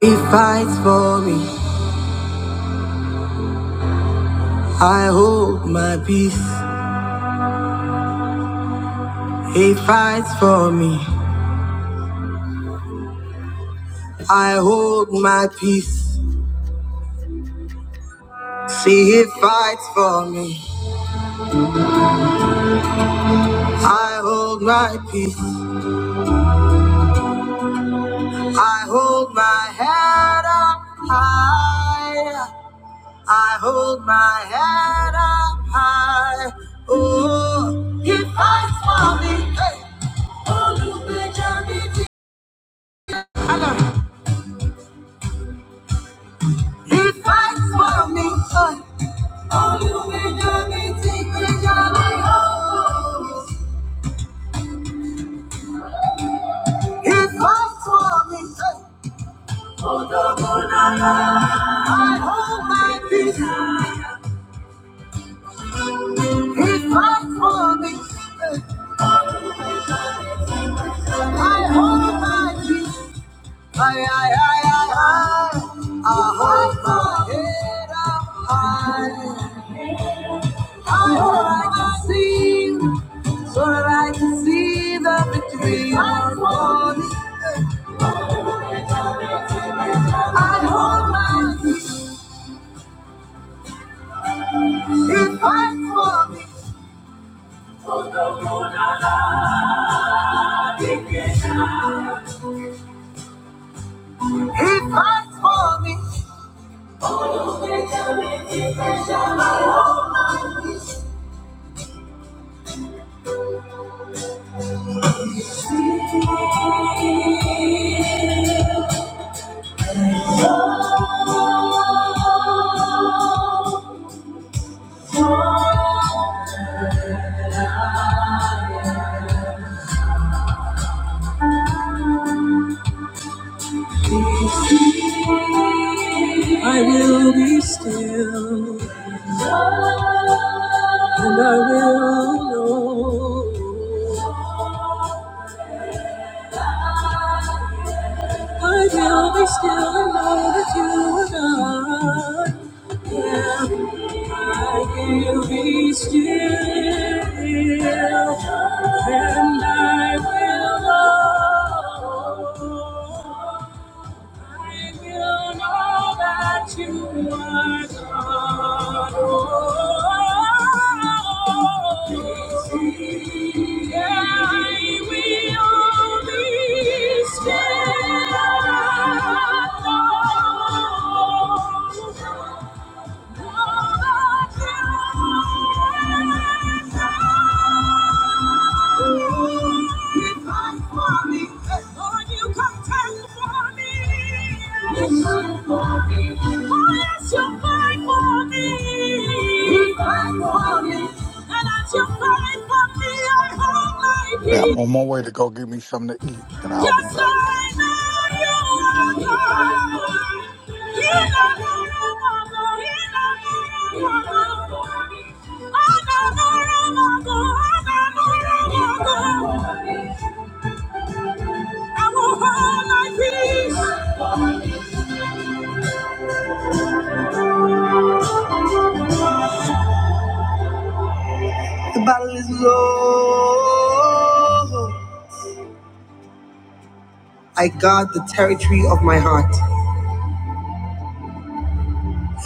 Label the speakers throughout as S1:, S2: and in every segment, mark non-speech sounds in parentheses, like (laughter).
S1: He fights for me. I hold my peace. He fights for me. I hold my peace. See, he fights for me. I hold my peace. I hold my head up high. I hold my head up high. Oh, he fights for me. Hey. He fights for me. Hey. He fights for me. Hey. He's not for me. Ay, ay, ay, ay, ay. I hold my head up high. I hope I can see, so that I can see the victory. He fights for me. He fights for me. He fights for me. I will be still. And I will know, I will be still and know that you are God. Yeah, I will be still and I will know. I will know that you are God. Oh, yeah, I will be still. and know that you are God.
S2: Yeah, I'm on my way to go get me something to eat, and I'll be
S1: Yes,
S2: back.
S1: I know you are God. I will hold my peace. The battle is low. I guard the territory of my heart.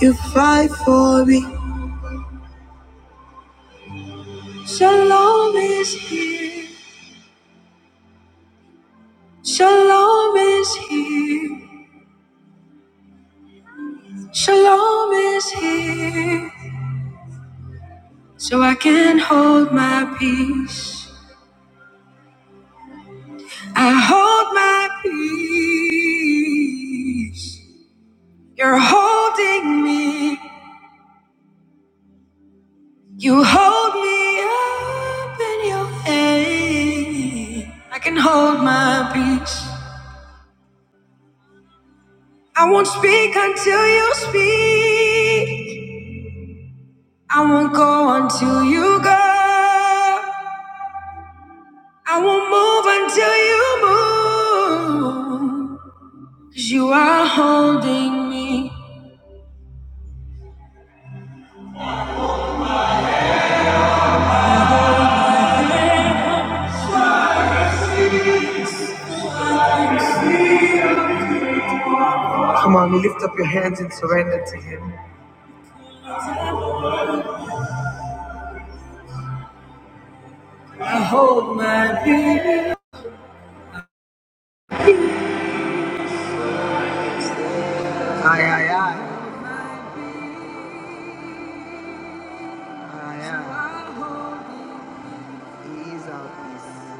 S1: You fight for me. Shalom is here. Shalom is here. Shalom is here. So I can hold my peace. I hold my peace. You're holding me. You hold me up in your hand. I can hold my peace. I won't speak until you speak. I won't go until you go. I won't move until you move. Cause you are holding me. Come on, lift up your hands and surrender to Him. Aye, aye, aye. aye, aye. Ease up, ease up.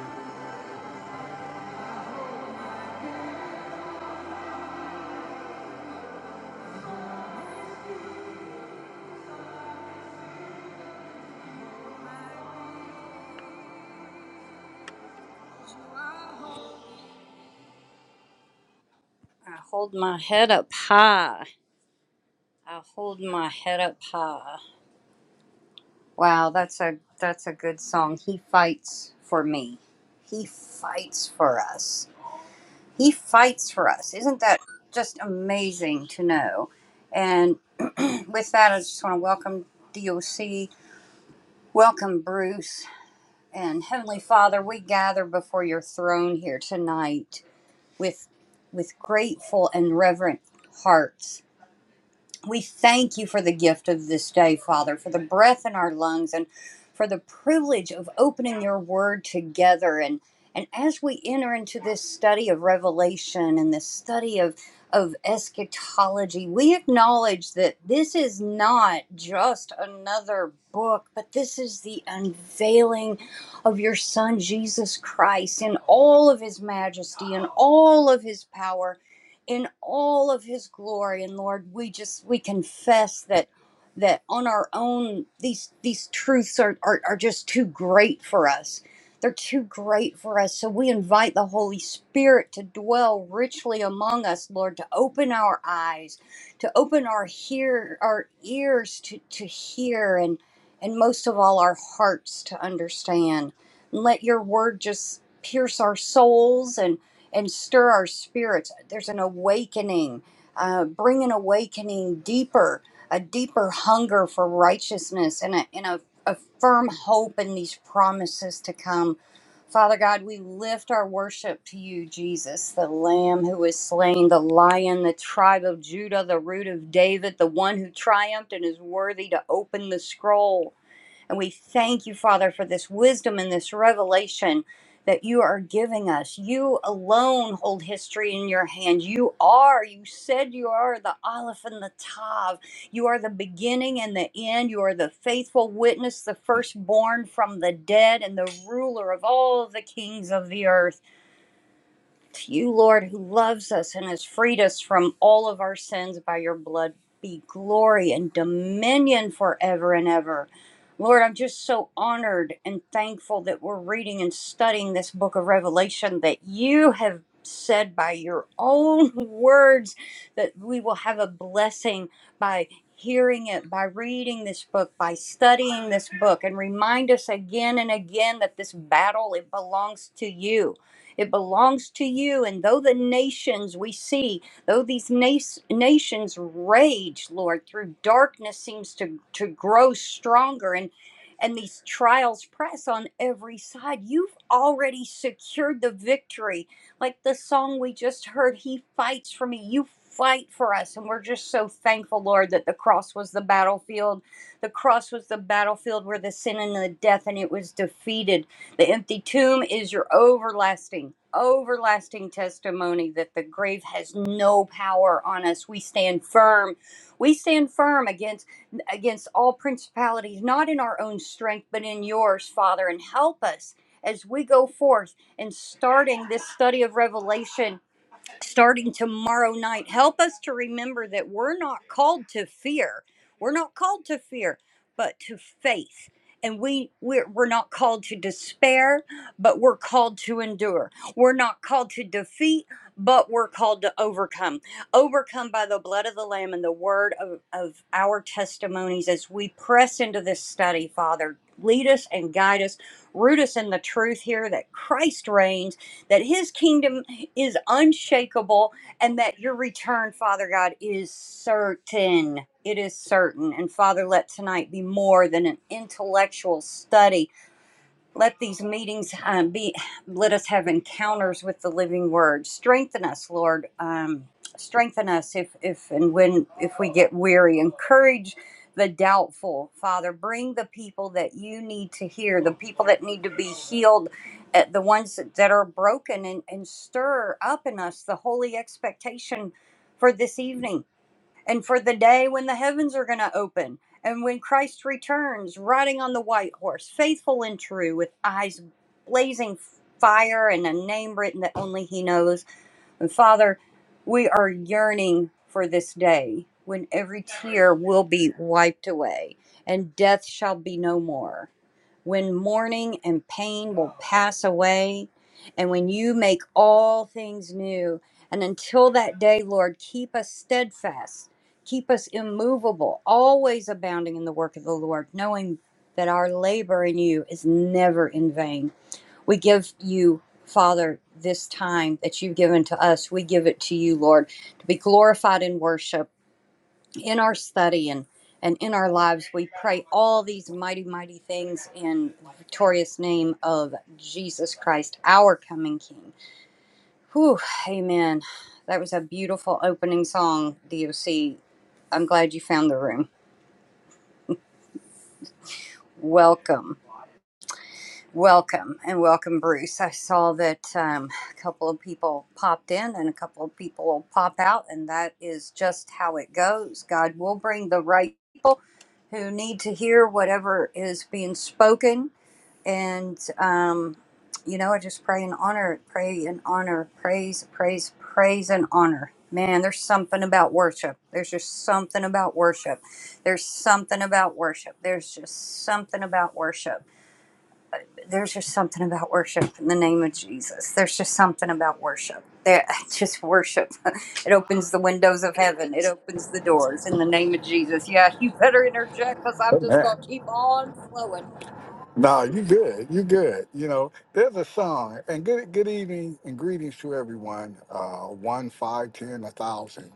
S2: Amen. No, you good. You good. You know, there's a song, and good good evening and greetings to everyone. Uh, one, five, ten, a thousand.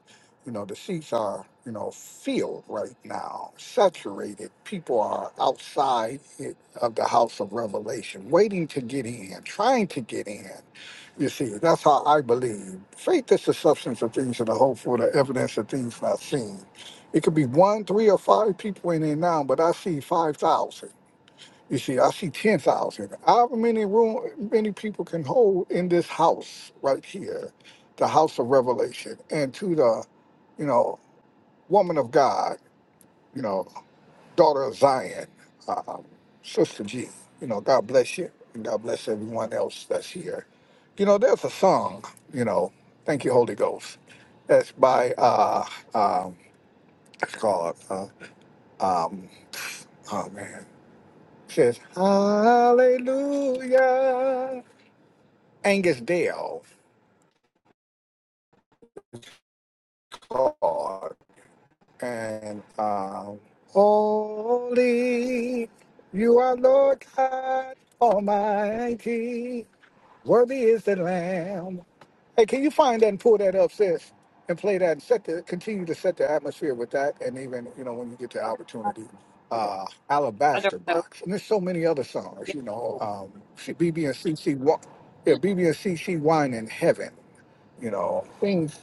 S2: You know, the seats are you know filled right now, saturated. People are outside it- of the house of revelation, waiting to get in, trying to get in. You see, that's how I believe. Faith is the substance of things that are hopeful, the evidence of things not seen. It could be one, three, or five people in there now, but I see 5,000. You see, I see 10,000. However many room, many people can hold in this house right here, the house of revelation, and to the, you know, woman of God, you know, daughter of Zion, um, Sister G. You know, God bless you, and God bless everyone else that's here. You know, there's a song. You know, thank you, Holy Ghost. That's by uh, um, it's called. Uh, um, oh man, it says Hallelujah. Angus Dale, Lord, and um, Holy, you are Lord God Almighty. Worthy is the Lamb. Hey, can you find that and pull that up, sis, and play that and set the continue to set the atmosphere with that, and even you know when you get the opportunity, uh, Alabaster Box, and there's so many other songs, you know, um, she- BB and CC, Wa- yeah, BB and CC Wine in Heaven, you know, things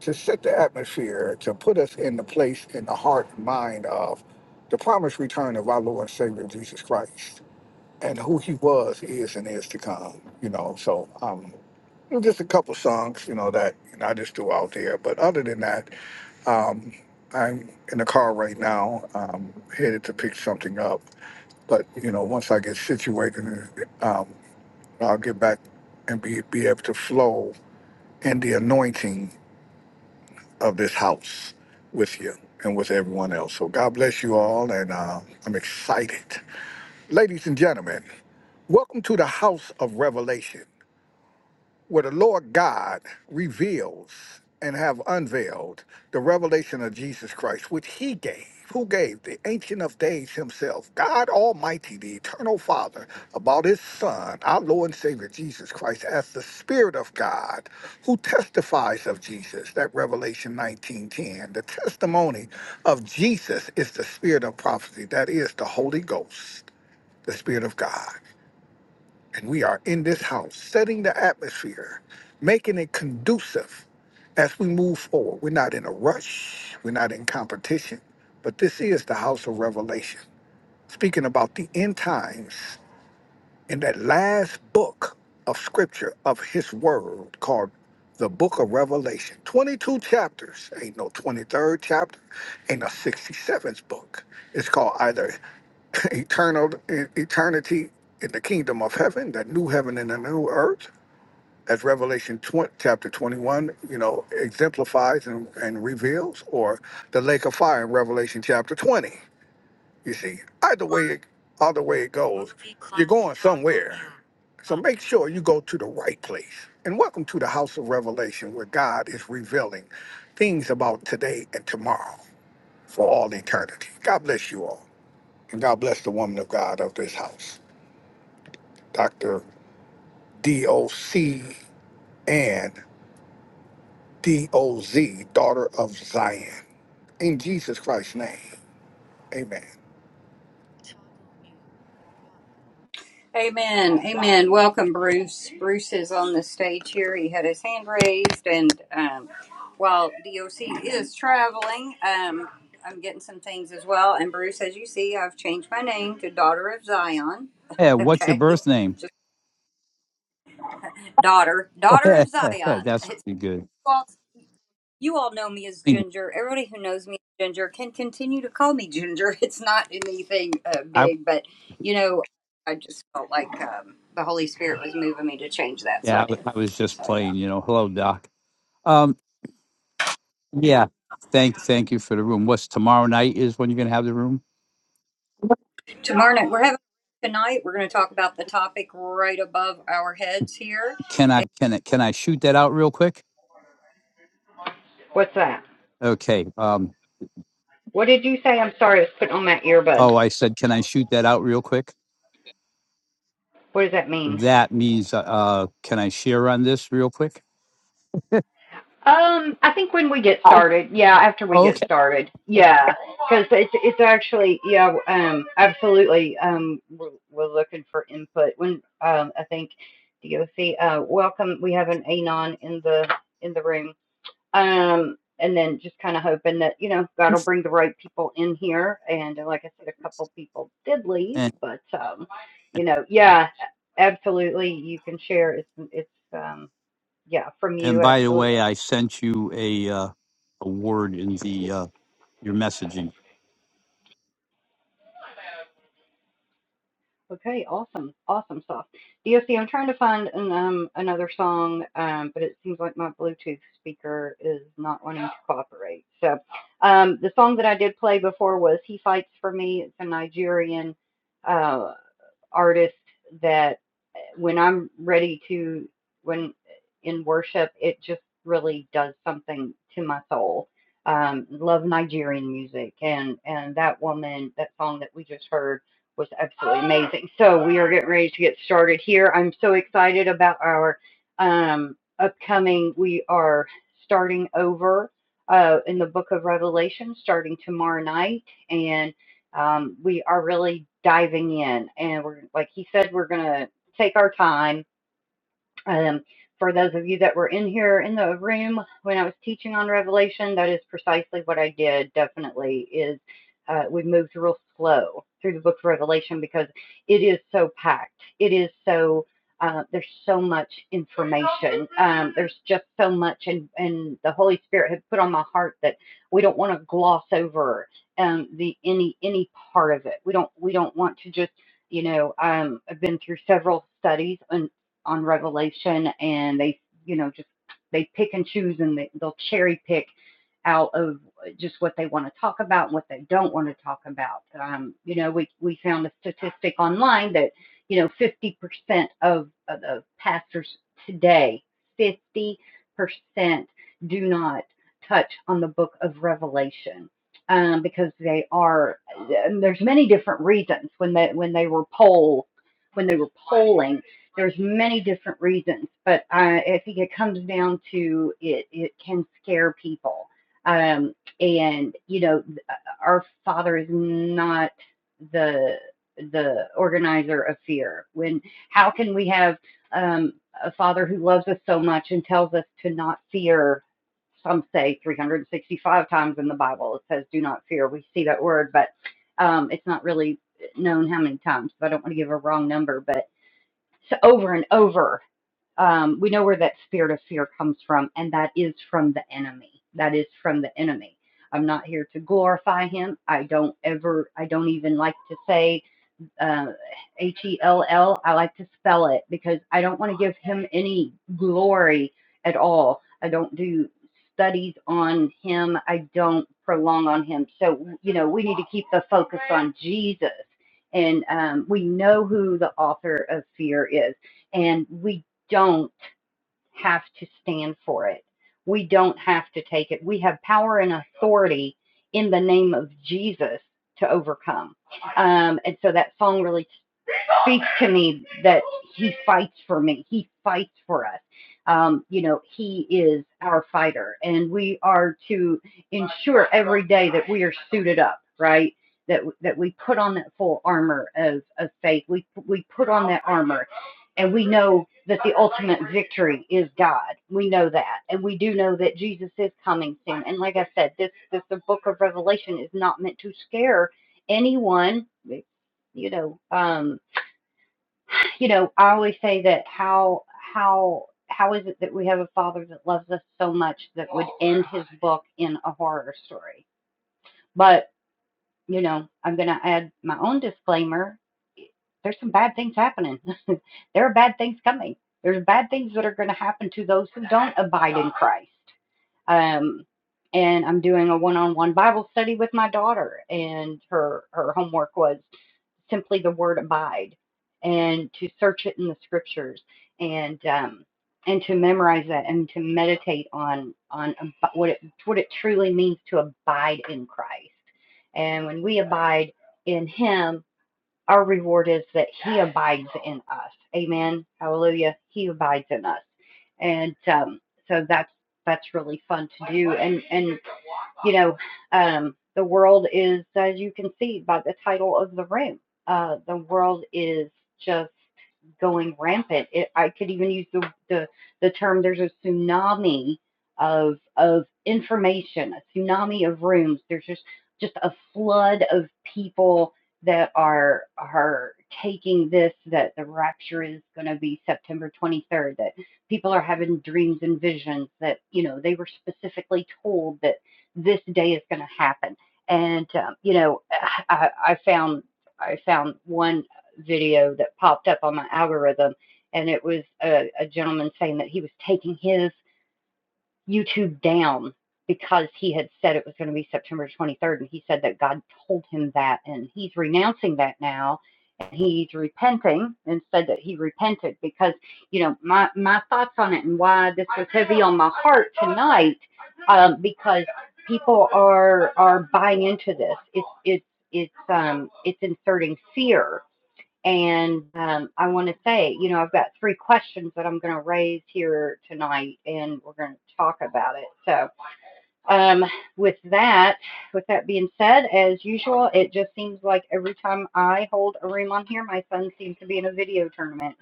S2: to set the atmosphere to put us in the place in the heart and mind of the promised return of our Lord and Savior Jesus Christ and who he was, is, and is to come. You know, so um, it was just a couple songs, you know, that you know, I just threw out there. But other than that, um, I'm in the car right now, um, headed to pick something up. But you know, once I get situated, um, I'll get back and be be able to flow in the anointing of this house with you and with everyone else. So God bless you all, and uh, I'm excited, ladies and gentlemen. Welcome to the House of Revelation. where the Lord God reveals and have unveiled the revelation of Jesus Christ, which he gave. Who gave the Ancient of Days himself, God Almighty, the Eternal Father, about his Son, our Lord and Savior Jesus Christ, as the Spirit of God, who testifies of Jesus, that Revelation 19:10. The testimony of Jesus is the spirit of prophecy, that is the Holy Ghost, the Spirit of God. And we are in this house, setting the atmosphere, making it conducive as we move forward. We're not in a rush, we're not in competition, but this is the house of revelation, speaking about the end times in that last book of scripture of his word called the book of Revelation. 22 chapters. Ain't no 23rd chapter. Ain't no 67th book. It's called either (laughs) eternal eternity in the kingdom of heaven, the new heaven and the new earth, as Revelation 20, chapter 21, you know, exemplifies and, and reveals, or the lake of fire in Revelation chapter 20. You see, either way, it- either way it goes, you're going somewhere. So make sure you go to the right place. And welcome to the House of Revelation, where God is revealing things about today and tomorrow for all eternity. God bless you all. And God bless the woman of God of this house, Dr. D.O.C. and D.O.Z., daughter of Zion. In Jesus Christ's name, amen.
S3: Yeah, what's your birth name? (laughs) That's pretty good. I yeah, I, I was just playing. You know, hello, Doc. Um, yeah, thank thank you for the room. What's tomorrow night is when you're gonna have the room? Can I can I can I shoot that out real quick?
S1: What's that?
S3: Okay. Um.
S1: What did you say? I'm sorry, I was putting on my earbuds.
S3: Oh, I said, can I shoot that out real quick? That means, uh, uh, can I share on this real quick? Okay.
S1: You know, like I said, a couple people did leave,
S3: And
S1: but um, you know, yeah, absolutely, you can share. It's, it's um, yeah, from
S3: and
S1: you,
S3: by the way,
S1: absolutely.
S3: I sent you a uh, a word in the uh, your messaging.
S1: Okay, awesome, awesome stuff. DOC, I'm trying to find an, um another song, um, but it seems like my Bluetooth speaker is not wanting to cooperate. So, um, the song that I did play before was "He Fights for Me." It's a Nigerian uh artist that when I'm ready to, when in worship, it just really does something to my soul. Um, love Nigerian music, and and that woman, that song that we just heard was absolutely amazing. So we are getting ready to get started here. I'm so excited about our um, upcoming. We are starting over uh, in the Book of Revelation, starting tomorrow night, and um, we are really diving in, and we're like he said, we're gonna take our time um, for those of you that were in here in the room when I was teaching on Revelation, that is precisely what I did. Definitely is uh, we moved real slow through the book of Revelation because it is so packed. It is so uh, there's so much information. Um, there's just so much, and and the Holy Spirit had put on my heart that we don't want to gloss over um, the any any part of it. We don't we don't want to just you know, um, I've been through several studies on on Revelation, and they, you know, just they pick and choose and they, they'll cherry pick out of just what they want to talk about and what they don't want to talk about. Um, you know, we we found a statistic online that you know 50% of, of the pastors today, 50% do not touch on the book of Revelation um, because they are and there's many different reasons when they when they were poll when they were polling there's many different reasons, but I, I think it comes down to it. It can scare people, um, and you know, our Father is not the the organizer of fear. When how can we have um, a Father who loves us so much and tells us to not fear? Some say 365 times in the Bible it says, "Do not fear." We see that word, but um, it's not really known how many times, so I don't want to give a wrong number, but over and over, um, we know where that spirit of fear comes from, and that is from the enemy. That is from the enemy. I'm not here to glorify him. I don't ever, I don't even like to say uh, H E L L. I like to spell it because I don't want to give him any glory at all. I don't do studies on him, I don't prolong on him. So, you know, we need to keep the focus on Jesus. And um, we know who the author of fear is, and we don't have to stand for it. We don't have to take it. We have power and authority in the name of Jesus to overcome. Um, and so that song really speaks to me that he fights for me. He fights for us. Um, you know, he is our fighter, and we are to ensure every day that we are suited up, right? That that we put on that full armor of of faith. We we put on that armor, and we know that the ultimate victory is God. We know that, and we do know that Jesus is coming soon. And like I said, this this the Book of Revelation is not meant to scare anyone you know, um, you know, I always say that how how how is it that we have a father that loves us so much that would end his book in a horror story? But you know, I'm going to add my own disclaimer. There's some bad things happening. (laughs) there are bad things coming. There's bad things that are going to happen to those who don't abide in Christ. Um, and I'm doing a one-on-one Bible study with my daughter, and her her homework was simply the word abide and to search it in the scriptures and um, and to memorize that and to meditate on on what it what it truly means to abide in Christ. And when we abide in Him, our reward is that He abides in us. Amen. Hallelujah. He abides in us, and um, so that's that's really fun to do. And and you know, um, the world is, as you can see by the title of the room, uh, the world is just going rampant. It, I could even use the, the the term. There's a tsunami of of information, a tsunami of rooms. There's just just a flood of people that are are taking this that the rapture is going to be September 23rd. That people are having dreams and visions. That you know they were specifically told that this day is going to happen. And um, you know, I, I found I found one video that popped up on my algorithm, and it was a, a gentleman saying that he was taking his YouTube down because he had said it was going to be September 23rd, and he said that God told him that, and he's renouncing that now, and he's repenting, and said that he repented because you know my my thoughts on it and why this was heavy on my heart tonight, um, because people are are buying into this. It's it's it's um it's inserting fear and um, I want to say, you know, I've got three questions that I'm going to raise here tonight, and we're going to talk about it. So, um, with that, with that being said, as usual, it just seems like every time I hold a room on here, my son seems to be in a video tournament.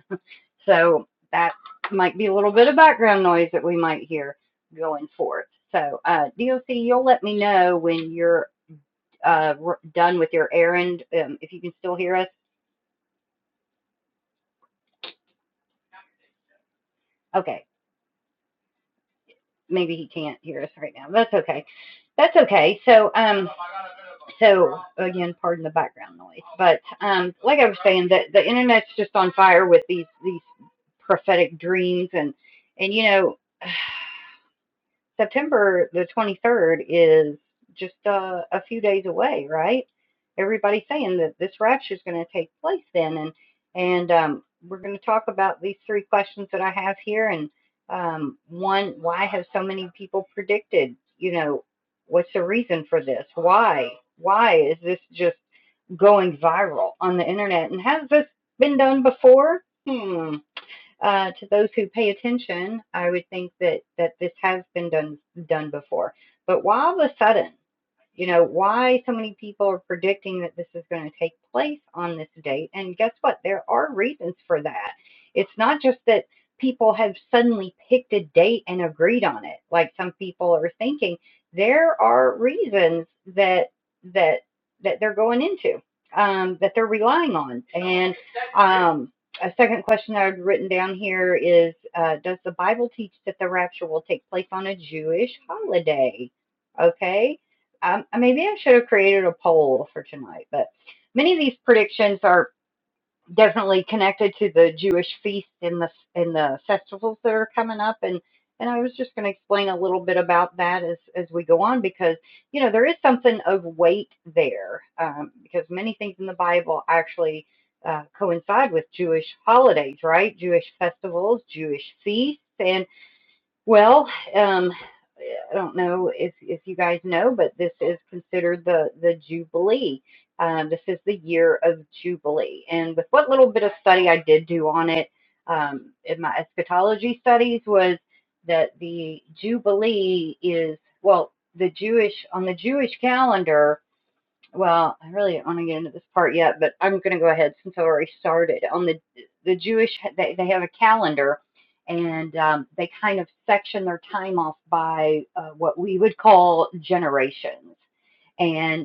S1: So that might be a little bit of background noise that we might hear going forth. So, uh, DOC, you'll let me know when you're uh, done with your errand. Um, if you can still hear us, okay. maybe he can't hear us right now. That's okay. That's okay. So, um, so again, pardon the background noise, but um, like I was saying, that the internet's just on fire with these these prophetic dreams, and and you know. September the 23rd is just uh, a few days away, right? Everybody's saying that this rapture is going to take place then, and and um, we're going to talk about these three questions that I have here. And um, one, why have so many people predicted? You know, what's the reason for this? Why? Why is this just going viral on the internet? And has this been done before? Hmm uh, to those who pay attention, I would think that that this has been done done before. But why all of a sudden you know, why so many people are predicting that this is going to take place on this date. And guess what? There are reasons for that. It's not just that people have suddenly picked a date and agreed on it, like some people are thinking. There are reasons that that that they're going into, um, that they're relying on. And um, a second question I've written down here is, uh, does the Bible teach that the rapture will take place on a Jewish holiday? Okay um, maybe I should have created a poll for tonight, but many of these predictions are definitely connected to the Jewish feasts and the and the festivals that are coming up and and I was just going to explain a little bit about that as as we go on because you know there is something of weight there um, because many things in the Bible actually uh, coincide with Jewish holidays, right? Jewish festivals, Jewish feasts, and well, um, I don't know if, if you guys know, but this is considered the, the Jubilee. Um, this is the year of Jubilee. And with what little bit of study I did do on it um, in my eschatology studies was that the Jubilee is, well, the Jewish, on the Jewish calendar, well, I really don't want to get into this part yet, but I'm going to go ahead since I already started on the the Jewish. They they have a calendar, and um, they kind of section their time off by uh, what we would call generations. and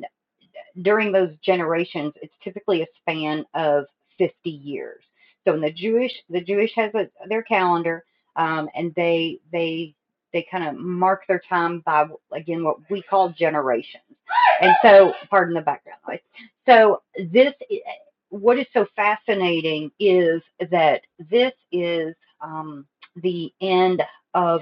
S1: during those generations, it's typically a span of 50 years. So in the Jewish, the Jewish has a, their calendar, um, and they they they kind of mark their time by again what we call generations. And so, pardon the background noise. So this, eh, what is so fascinating is that this is um, the end of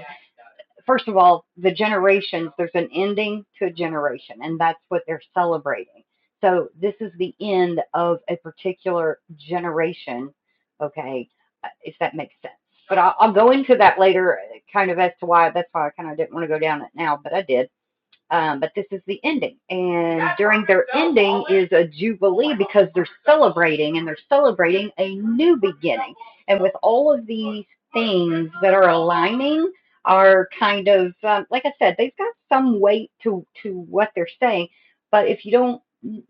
S1: first of all, the generations, there's an ending to a generation, and that's what they're celebrating. So this is the end of a particular generation, okay, uh, if that makes sense. But I'll, I'll go into that later, uh, kind of as to why. That's why I kind of didn't want to go down it now, but I did. Um, but this is the ending. And during their ending is a jubilee because they're (laughs) celebrating and they're celebrating a new beginning. And with all of these things that are aligning are kind of um, like I said, they've got some weight to to what they're saying, but if you don't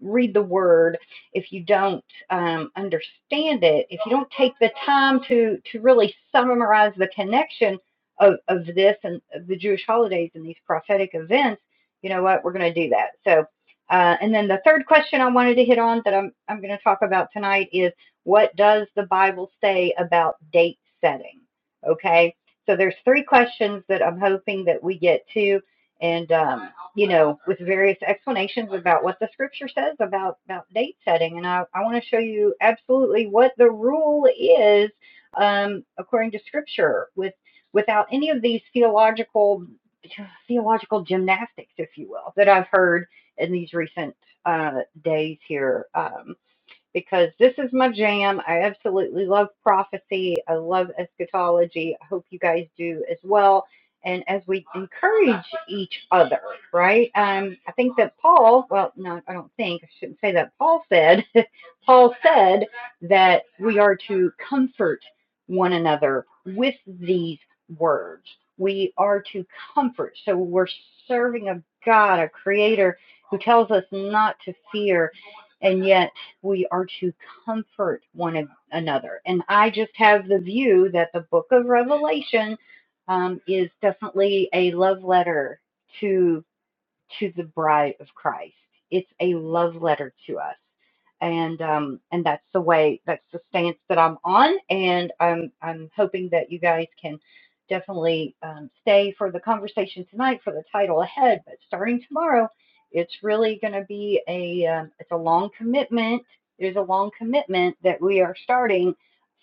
S1: read the word, if you don't um, understand it, if you don't take the time to to really summarize the connection of of this and of the Jewish holidays and these prophetic events you know what, we're going to do that. So, uh, and then the third question I wanted to hit on that I'm, I'm going to talk about tonight is what does the Bible say about date setting? Okay. So there's three questions that I'm hoping that we get to and, um, you know, with various explanations about what the scripture says about, about date setting. And I, I want to show you absolutely what the rule is um, according to scripture with without any of these theological yeah, theological gymnastics, if you will, that I've heard in these recent uh, days here. Um, because this is my jam. I absolutely love prophecy. I love eschatology. I hope you guys do as well. And as we encourage each other, right? Um, I think that Paul, well, no, I don't think, I shouldn't say that. Paul said, (laughs) Paul said that we are to comfort one another with these words. We are to comfort. So we're serving a God, a creator who tells us not to fear. And yet, we are to comfort one another. And I just have the view that the book of Revelation um, is definitely a love letter to to the bride of Christ. It's a love letter to us. And um and that's the way that's the stance that I'm on and I'm I'm hoping that you guys can definitely um, stay for the conversation tonight for the title ahead but starting tomorrow it's really going to be a um, it's a long commitment there's a long commitment that we are starting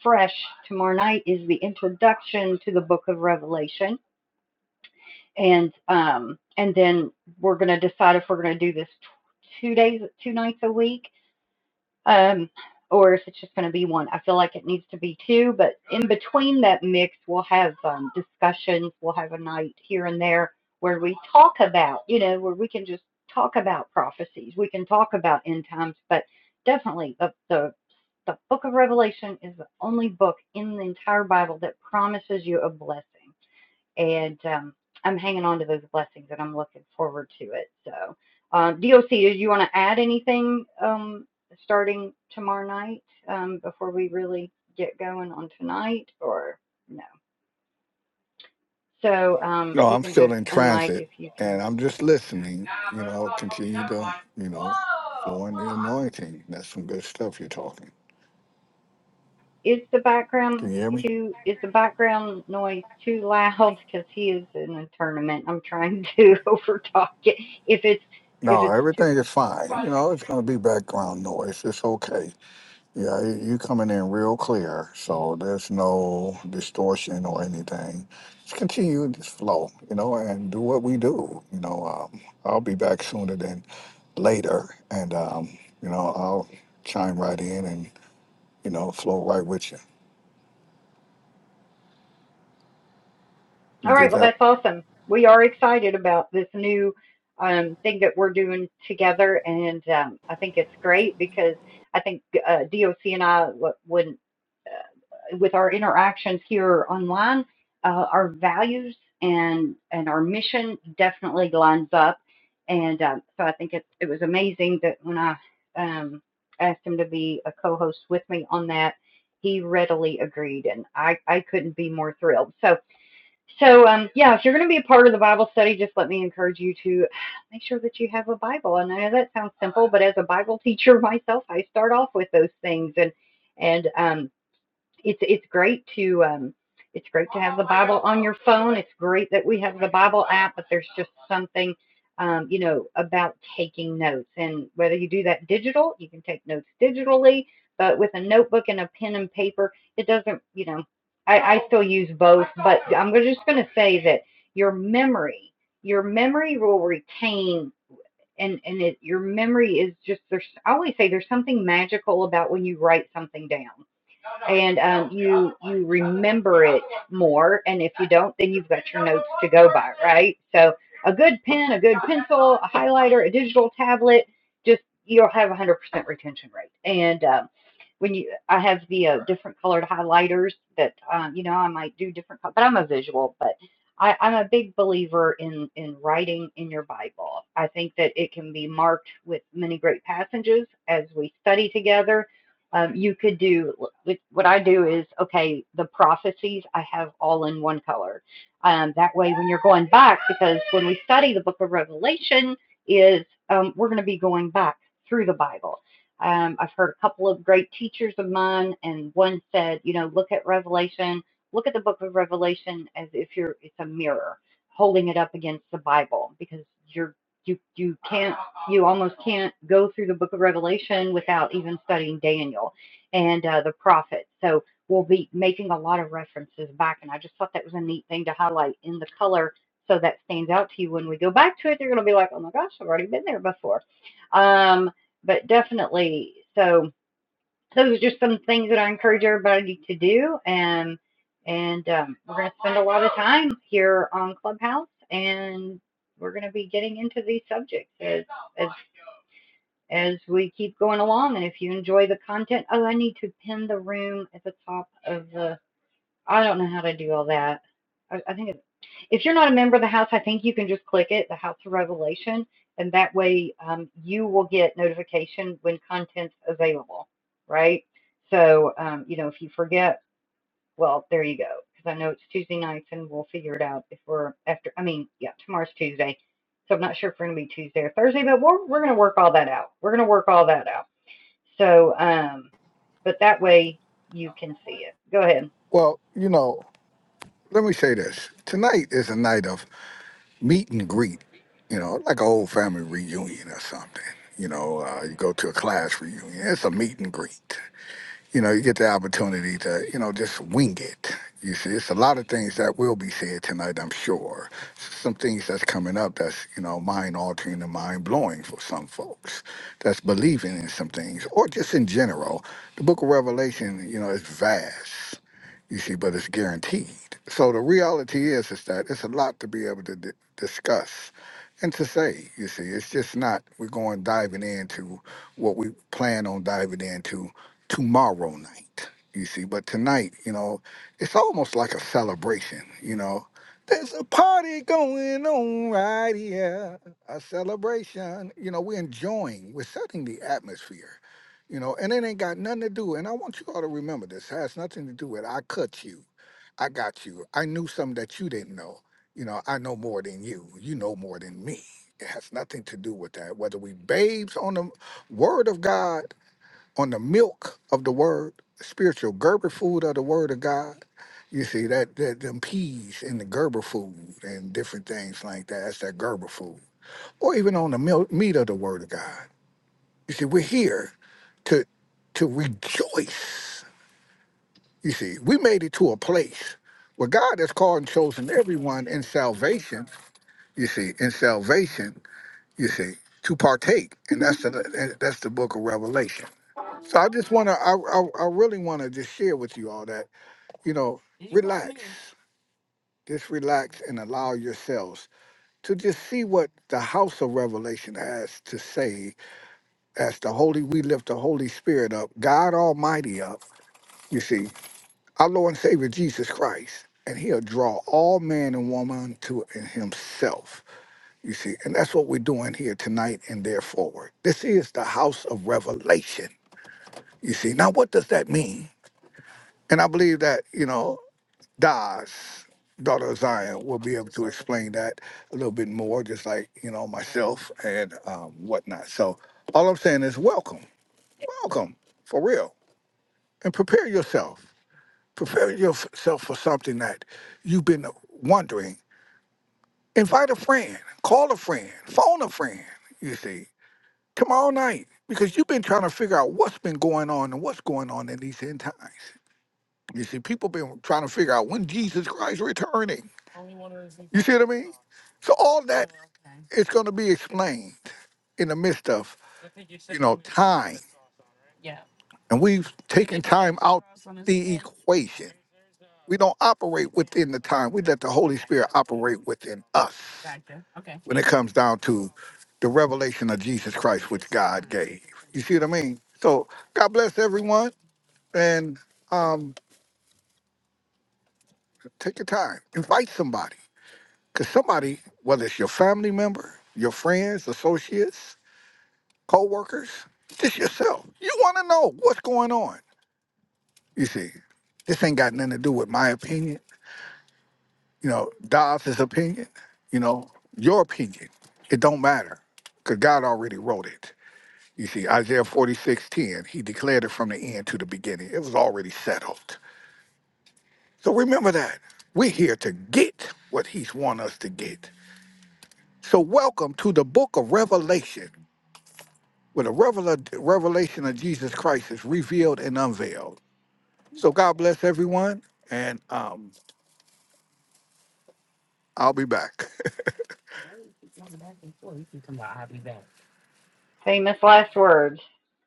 S1: fresh tomorrow night is the introduction to the book of revelation and um and then we're going to decide if we're going to do this two days two nights a week um or if it's just going to be one i feel like it needs to be two but in between that mix we'll have um, discussions we'll have a night here and there where we talk about you know where we can just talk about prophecies we can talk about end times but definitely the the the book of revelation is the only book in the entire bible that promises you a blessing and um, I'm hanging on to those blessings, and I'm looking forward to it. So, um, DOC, do you want to add anything um, starting tomorrow night um, before we really get going on tonight, or no? So um,
S2: No,
S1: you
S2: I'm
S1: can
S2: still
S1: just
S2: in
S1: unmic
S2: transit
S1: if you can.
S2: and I'm just listening, you know, continue to, you know, flow in the anointing. That's some good stuff you're talking.
S1: Is the
S2: Can
S1: background
S2: you hear me?
S1: too? Is the background noise too loud? (laughs) Because he is in a tournament. I'm trying to (laughs) overtalk it. If it's if
S2: No,
S1: it's too.
S2: everything is fine. You know, it's going to be background noise. It's okay. Yeah, you you coming in real clear, so there's no distortion or anything. Just continue this flow, you know, and do what we do. You know, um, I'll be back sooner than later, and um, you know, I'll chime right in and you know, flow right with you. You
S1: All right,
S2: get
S1: well,
S2: that?
S1: that's awesome. We are excited about this new um, thing that we're doing together, and um, I think it's great because I think uh, DOC and I, when uh, with our interactions here online, uh, our values and and our mission definitely lines up, and um, so I think it it was amazing that when I um, asked him to be a co-host with me on that, he readily agreed, and I I couldn't be more thrilled. So. So, um, yeah, if you're going to be a part of the Bible study, just let me encourage you to make sure that you have a Bible. And I know that sounds simple, but as a Bible teacher (laughs) myself, I start off with those things, and and um, it's it's great to um, it's great to have the Bible on your phone. It's great that we have the Bible app, but there's just something um, you know about taking notes. And whether you do that digital, you can take notes digitally, but with a notebook and a pen and paper, it doesn't you know. I, I still use both, but I'm just going to say that your memory, your memory will retain. And, and it, your memory is just there's I always say there's something magical about when you write something down and um, you you remember it more. And if you don't, then you've got your notes to go by, right? So a good pen, a good pencil, a highlighter, a digital tablet, just you'll have a 100% retention rate. And um, when you, I have the uh, different colored highlighters that um, you know I might do different, but I'm a visual, but I, I'm a big believer in in writing in your Bible. I think that it can be marked with many great passages as we study together um, you could do what I do is okay. The prophecies I have all in one color. Um, that way, when you're going back, because when we study the Book of Revelation, is um, we're going to be going back through the Bible. Um, I've heard a couple of great teachers of mine, and one said, you know, look at Revelation, look at the Book of Revelation as if you're it's a mirror, holding it up against the Bible, because you're you you can't you almost can't go through the book of Revelation without even studying Daniel and uh, the prophets. So we'll be making a lot of references back, and I just thought that was a neat thing to highlight in the color so that stands out to you when we go back to it. They're going to be like, oh my gosh, I've already been there before. Um, but definitely, so those are just some things that I encourage everybody to do, and and um, we're going to spend a lot of time here on Clubhouse and we're going to be getting into these subjects as as as we keep going along. And if you enjoy the content, oh, I need to pin the room at the top of the. I don't know how to do all that. I, I think it, if you're not a member of the house, I think you can just click it, the House of Revelation, and that way um, you will get notification when content's available, right? So, um, you know, if you forget, well, there you go. Because I know it's Tuesday nights, and we'll figure it out if we're after. I mean, yeah, tomorrow's Tuesday, so I'm not sure if we're gonna be Tuesday or Thursday, but we're we're gonna work all that out. We're gonna work all that out. So, um, but that way you can see it. Go ahead.
S2: Well, you know, let me say this. Tonight is a night of meet and greet, you know, like an old family reunion or something. You know, uh, you go to a class reunion. It's a meet and greet you know, you get the opportunity to, you know, just wing it. You see, it's a lot of things that will be said tonight, I'm sure. Some things that's coming up that's, you know, mind altering and mind blowing for some folks that's believing in some things or just in general. The book of Revelation, you know, is vast, you see, but it's guaranteed. So the reality is, is that it's a lot to be able to d- discuss and to say, you see, it's just not, we're going diving into what we plan on diving into tomorrow night. You see, but tonight, you know, it's almost like a celebration. You know, there's a party going on right here, a celebration. You know, we're enjoying, we're setting the atmosphere. You know, and it ain't got nothing to do. And I want you all to remember this has nothing to do with I cut you, I got you, I knew something that you didn't know. You know, I know more than you. You know more than me. It has nothing to do with that. Whether we babes on the word of God on the milk of the word, spiritual Gerber food of the word of God. You see that, that them peas in the Gerber food and different things like that. That's that Gerber food, or even on the milk, meat of the word of God. You see, we're here to to rejoice. You see, we made it to a place where God has called and chosen everyone in salvation. You see, in salvation, you see, to partake, and that's the that's the book of Revelation so I just want to, I, I, I really want to just share with you all that, you know, relax, just relax and allow yourselves to just see what the house of revelation has to say as the Holy, we lift the Holy Spirit up, God Almighty up, you see, our Lord and Savior Jesus Christ. And he'll draw all man and woman to himself, you see. And that's what we're doing here tonight and there forward. This is the house of revelation, you see. Now, what does that mean? And I believe that, you know, Daz, daughter of Zion, will be able to explain that a little bit more, just like, you know, myself and um, whatnot. So all I'm saying is welcome, welcome for real. And prepare yourself. Prepare yourself for something that you've been wondering. Invite a friend, call a friend, phone a friend, you see, tomorrow night, because you've been trying to figure out what's been going on and what's going on in these end times. You see, people been trying to figure out when Jesus Christ returning. You see what I mean? So all that is going to be explained in the midst of you know time, and we've taken time out the equation. We don't operate within the time. We let the Holy Spirit operate within us when it comes down to the revelation of Jesus Christ, which God gave. You see what I mean? So God bless everyone, and um, take your time, invite somebody. Because somebody, whether it's your family member, your friends, associates, co-workers, just yourself, you want to know what's going on. You see, this ain't got nothing to do with my opinion. You know, Dobbs' opinion. You know, your opinion. It don't matter because God already wrote it. You see, Isaiah 46:10, he declared it from the end to the beginning. It was already settled. So remember that. We're here to get what he's want us to get. So welcome to the book of Revelation. where the revel- revelation of Jesus Christ is revealed and unveiled. So God bless everyone, and um, I'll be back.
S1: Famous last words.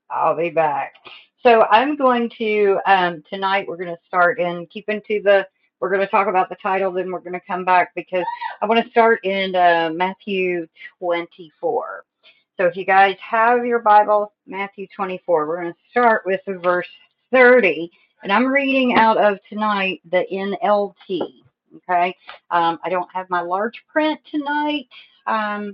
S1: I'll be back. So I'm going to um, tonight. We're going to start in keeping to the. We're going to talk about the title, then we're going to come back because I want to start in uh, Matthew 24. So if you guys have your Bible, Matthew 24, we're going to start with verse 30, and I'm reading out of tonight the NLT. Okay, um, I don't have my large print tonight. Um,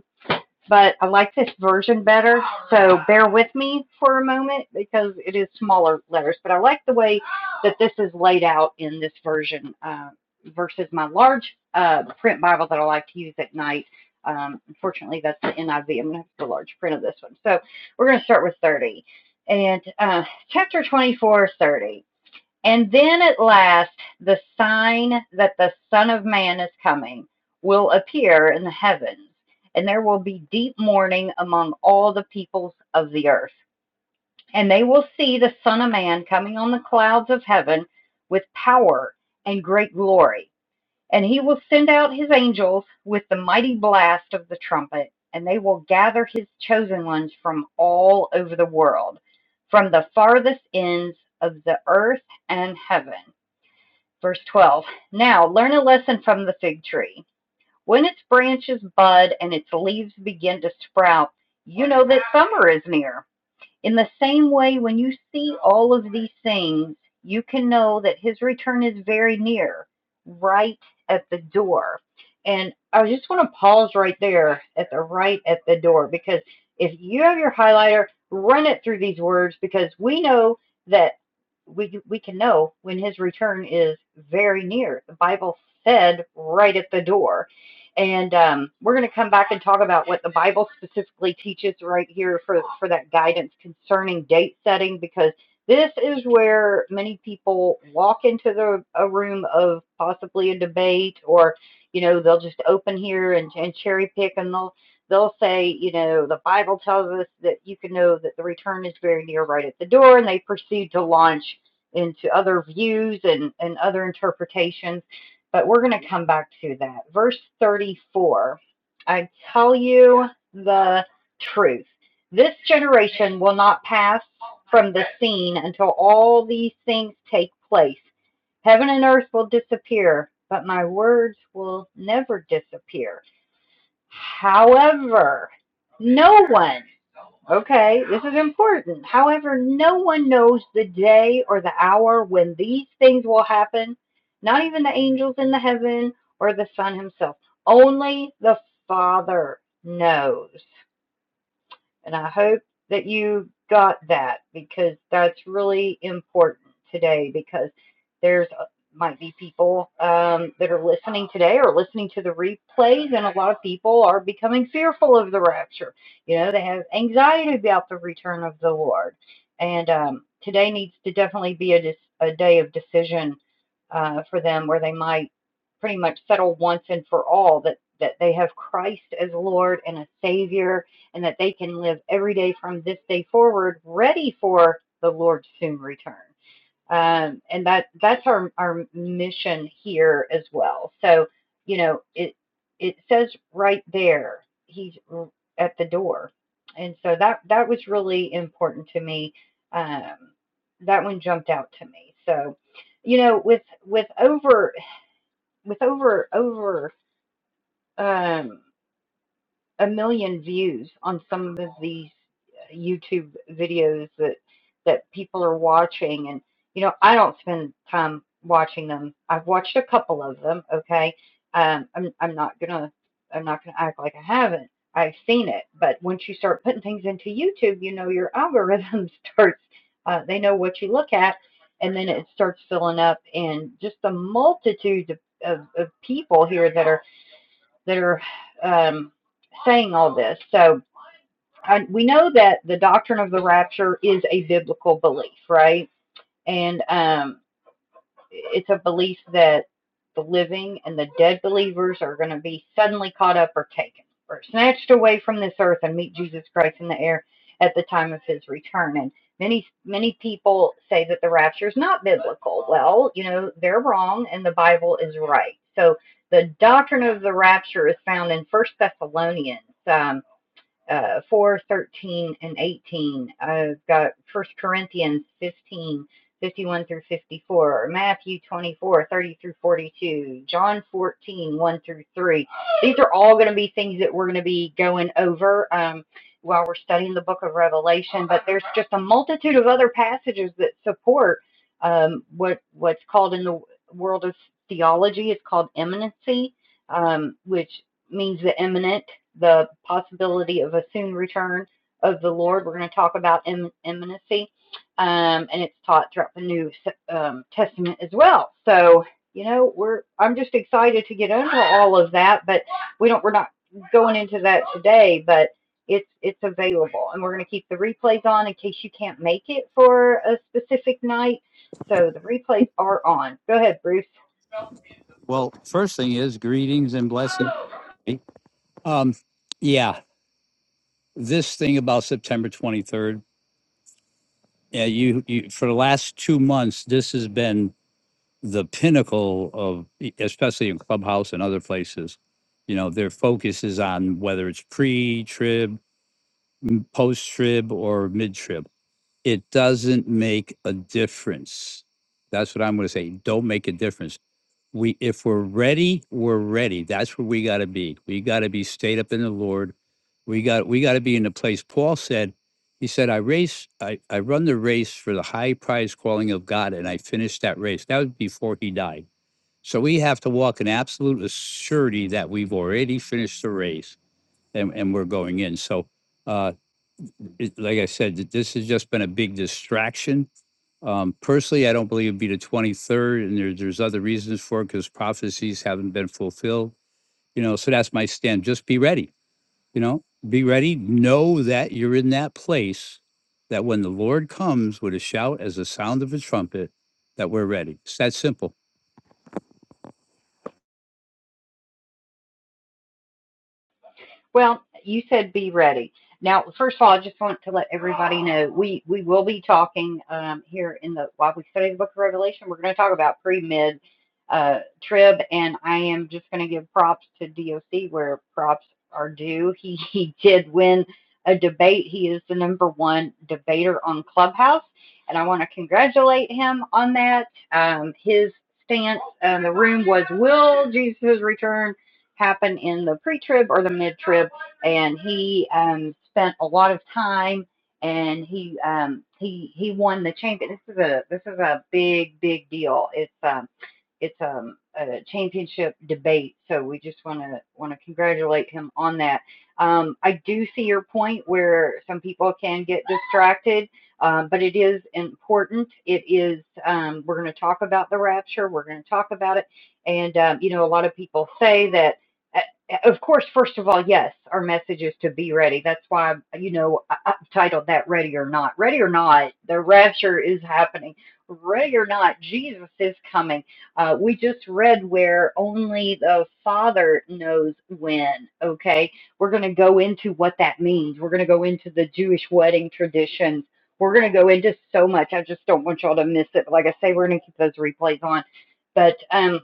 S1: but I like this version better. So bear with me for a moment because it is smaller letters, but I like the way that this is laid out in this version uh, versus my large uh, print Bible that I like to use at night. Um, unfortunately, that's the NIV. I'm going to have the large print of this one. So we're going to start with 30. And uh, chapter 24, 30. And then at last, the sign that the Son of Man is coming will appear in the heavens, and there will be deep mourning among all the peoples of the earth. And they will see the Son of Man coming on the clouds of heaven with power and great glory. And he will send out his angels with the mighty blast of the trumpet, and they will gather his chosen ones from all over the world, from the farthest ends of the earth and heaven Verse 12 Now learn a lesson from the fig tree. When its branches bud and its leaves begin to sprout, you know that summer is near. In the same way, when you see all of these things, you can know that his return is very near, right at the door. And I just want to pause right there at the right at the door because if you have your highlighter, run it through these words because we know that we we can know when his return is very near. The Bible said right at the door and um, we're going to come back and talk about what the Bible specifically teaches right here for for that guidance concerning date setting because this is where many people walk into the a room of possibly a debate or you know they'll just open here and, and cherry pick and they'll they'll say you know the Bible tells us that you can know that the return is very near right at the door and they proceed to launch into other views and, and other interpretations but we're going to come back to that. Verse 34 I tell you the truth. This generation will not pass from the scene until all these things take place. Heaven and earth will disappear, but my words will never disappear. However, no one. Okay, this is important. However, no one knows the day or the hour when these things will happen, not even the angels in the heaven or the Son himself. Only the Father knows. And I hope that you got that because that's really important today because there's uh, might be people um, that are listening today or listening to the replays, and a lot of people are becoming fearful of the rapture. You know, they have anxiety about the return of the Lord. And um, today needs to definitely be a, a day of decision uh, for them where they might pretty much settle once and for all that, that they have Christ as Lord and a Savior and that they can live every day from this day forward ready for the Lord's soon return. Um, and that that's our, our mission here as well. So, you know, it it says right there, he's at the door. And so that that was really important to me. Um, that one jumped out to me. So, you know, with with over with over over um, a million views on some of these YouTube videos that that people are watching and you know I don't spend time watching them. I've watched a couple of them, okay? Um I'm I'm not going to I'm not going to act like I haven't. I've seen it, but once you start putting things into YouTube, you know your algorithm (laughs) starts uh, they know what you look at and then it starts filling up and just the multitude of, of, of people here that are that are um, saying all this. So I, we know that the doctrine of the rapture is a biblical belief, right? And um, it's a belief that the living and the dead believers are going to be suddenly caught up or taken or snatched away from this earth and meet Jesus Christ in the air at the time of his return. And many, many people say that the rapture is not biblical. Well, you know, they're wrong and the Bible is right. So the doctrine of the rapture is found in First Thessalonians. Um, uh, 4 13 and 18 i've got First corinthians 15 51 through 54 matthew 24 30 through 42 john 14 1 through 3 these are all going to be things that we're going to be going over um, while we're studying the book of revelation but there's just a multitude of other passages that support um, what what's called in the world of theology it's called eminency um, which means the eminent the possibility of a soon return of the Lord. We're going to talk about im- imminency, um, and it's taught throughout the New um, Testament as well. So you know, we're I'm just excited to get into all of that, but we don't we're not going into that today, but it's it's available, and we're going to keep the replays on in case you can't make it for a specific night. So the replays are on. Go ahead, Bruce.
S3: Well, first thing is greetings and blessings. Um, yeah, this thing about September 23rd. Yeah, you, you for the last two months, this has been the pinnacle of, e, especially in Clubhouse and other places. You know, their focus is on whether it's pre-trib, m- post-trib, or mid-trib. It doesn't make a difference. That's what I'm going to say. Don't make a difference we if we're ready, we're ready. That's where we gotta be. We gotta be stayed up in the Lord. We got we gotta be in the place Paul said. He said, I race, I, I run the race for the high prize calling of God, and I finished that race. That was before he died. So we have to walk in absolute surety that we've already finished the race and, and we're going in. So uh, it- like I said, this has just been a big distraction um, personally, I don't believe it'd be the twenty-third, and there, there's other reasons for it, because prophecies haven't been fulfilled. You know, so that's my stand. Just be ready, you know, be ready. Know that you're in that place that when the Lord comes with a shout as the sound of a trumpet, that we're ready. It's that simple.
S1: Well, you said be ready. Now, first of all, I just want to let everybody know we we will be talking um, here in the while we study the Book of Revelation. We're going to talk about pre mid uh, trib, and I am just going to give props to DOC where props are due. (laughs) He he did win a debate. He is the number one debater on Clubhouse, and I want to congratulate him on that. Um, his stance in the room was, "Will Jesus return?" happen in the pre-trib or the mid-trib, and he um, spent a lot of time and he um, he he won the champion. This is a this is a big big deal. It's um it's um, a championship debate, so we just want to want to congratulate him on that. Um, I do see your point where some people can get distracted, um, but it is important. It is um, we're going to talk about the rapture. We're going to talk about it, and um, you know a lot of people say that uh, uh, Of course, first of all, yes, our message is to be ready. That's why, you know, I- I've titled that Ready or Not. Ready or Not, the rapture is happening. Ready or not, Jesus is coming. Uh, we just read where only the Father knows when, okay? We're going to go into what that means. We're going to go into the Jewish wedding traditions. We're going to go into so much. I just don't want y'all to miss it. But like I say, we're going to keep those replays on. But, um,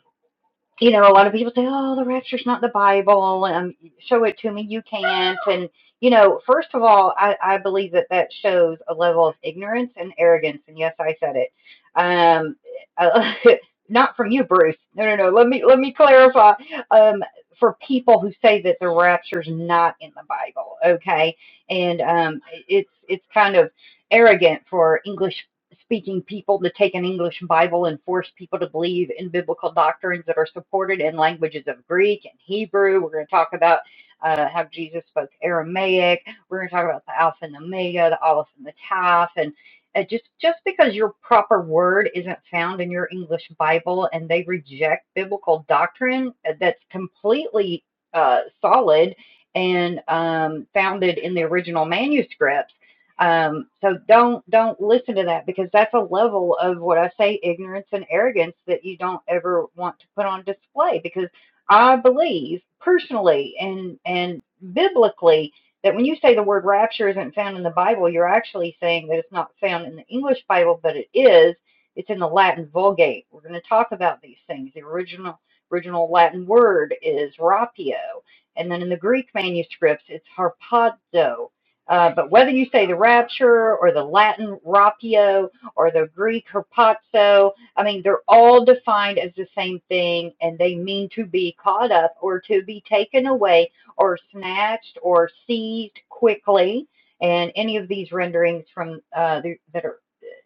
S1: you know, a lot of people say, "Oh, the rapture's not the Bible." and Um, show it to me. You can't. And you know, first of all, I, I believe that that shows a level of ignorance and arrogance. And yes, I said it. Um, uh, (laughs) not from you, Bruce. No, no, no. Let me let me clarify. Um, for people who say that the rapture's not in the Bible, okay, and um, it's it's kind of arrogant for English speaking people to take an English Bible and force people to believe in biblical doctrines that are supported in languages of Greek and Hebrew. We're going to talk about uh, how Jesus spoke Aramaic. We're going to talk about the Alpha and the Omega, the Aleph and the Taf, and uh, just just because your proper word isn't found in your English Bible and they reject biblical doctrine uh, that's completely uh, solid and um, founded in the original manuscripts um, so don't don't listen to that because that's a level of what I say ignorance and arrogance that you don't ever want to put on display because I believe personally and and biblically that when you say the word rapture isn't found in the Bible, you're actually saying that it's not found in the English Bible, but it is. It's in the Latin Vulgate. We're going to talk about these things. The original original Latin word is rapio, and then in the Greek manuscripts, it's harpazo uh, but whether you say the rapture or the Latin rapio or the Greek herpazo, I mean, they're all defined as the same thing and they mean to be caught up or to be taken away or snatched or seized quickly. And any of these renderings from uh, the, that are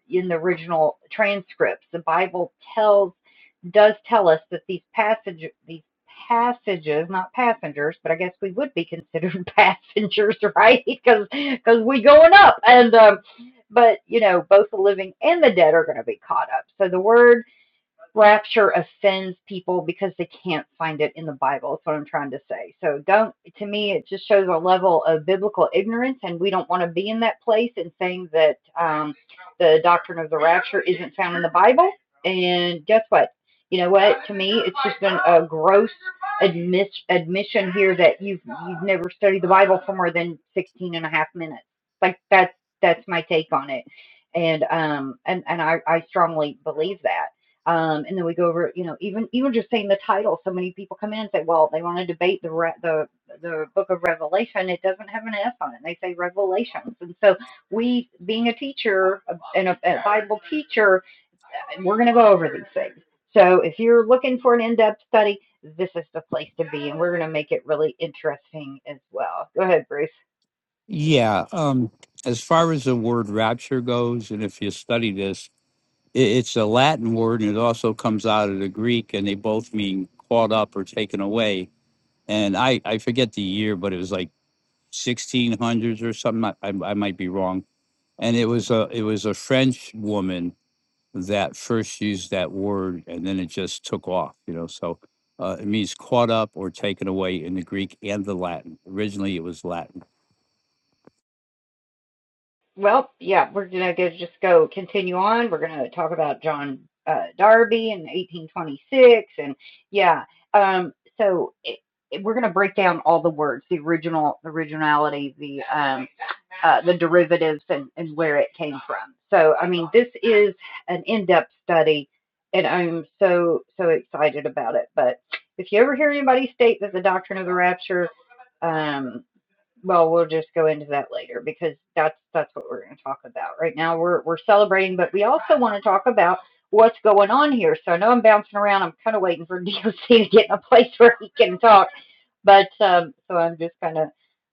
S1: in the original transcripts, the Bible tells does tell us that these passage these passages not passengers but i guess we would be considered (laughs) passengers right because (laughs) because we going up and um but you know both the living and the dead are going to be caught up so the word rapture offends people because they can't find it in the Bible. That's what I'm trying to say. So don't to me it just shows a level of biblical ignorance and we don't want to be in that place and saying that um the doctrine of the rapture isn't found in the Bible. And guess what? You know what? To me it's just been a gross admis admission here that you've you've never studied the Bible for more than 16 and a half minutes. Like that's that's my take on it. And um and and I I strongly believe that. Um, and then we go over, you know, even even just saying the title. So many people come in and say, well, they want to debate the re- the the book of Revelation. It doesn't have an S on it. They say Revelations. And so we, being a teacher and a, a Bible teacher, we're going to go over these things. So if you're looking for an in-depth study, this is the place to be, and we're going to make it really interesting as well. Go ahead, Bruce.
S3: Yeah. Um, as far as the word rapture goes, and if you study this, it, it's a Latin word and it also comes out of the Greek, and they both mean caught up or taken away and I I forget the year, but it was like 1600s or something. I, I I might be wrong. And it was a it was a French woman that first used that word, and then it just took off. You know, so uh, it means caught up or taken away in the Greek and the Latin. Originally, it was Latin.
S1: Well, yeah, we're gonna go, just go continue on. We're gonna talk about John uh, Darby in 1826, and yeah, um, so it, it- we're gonna break down all the words, the original, the originality, the um, uh, the derivatives, and and where it came from. So, I mean, this is an in-depth study, and I'm so so excited about it. But if you ever hear anybody state that the doctrine of the rapture, um. Well, we'll just go into that later because that's that's what we're going to talk about. Right now we're we're celebrating, but we also want to talk about what's going on here. So I know I'm bouncing around. I'm kind of waiting for (laughs) DOC to get in a place where he can talk. But um so I'm just kind of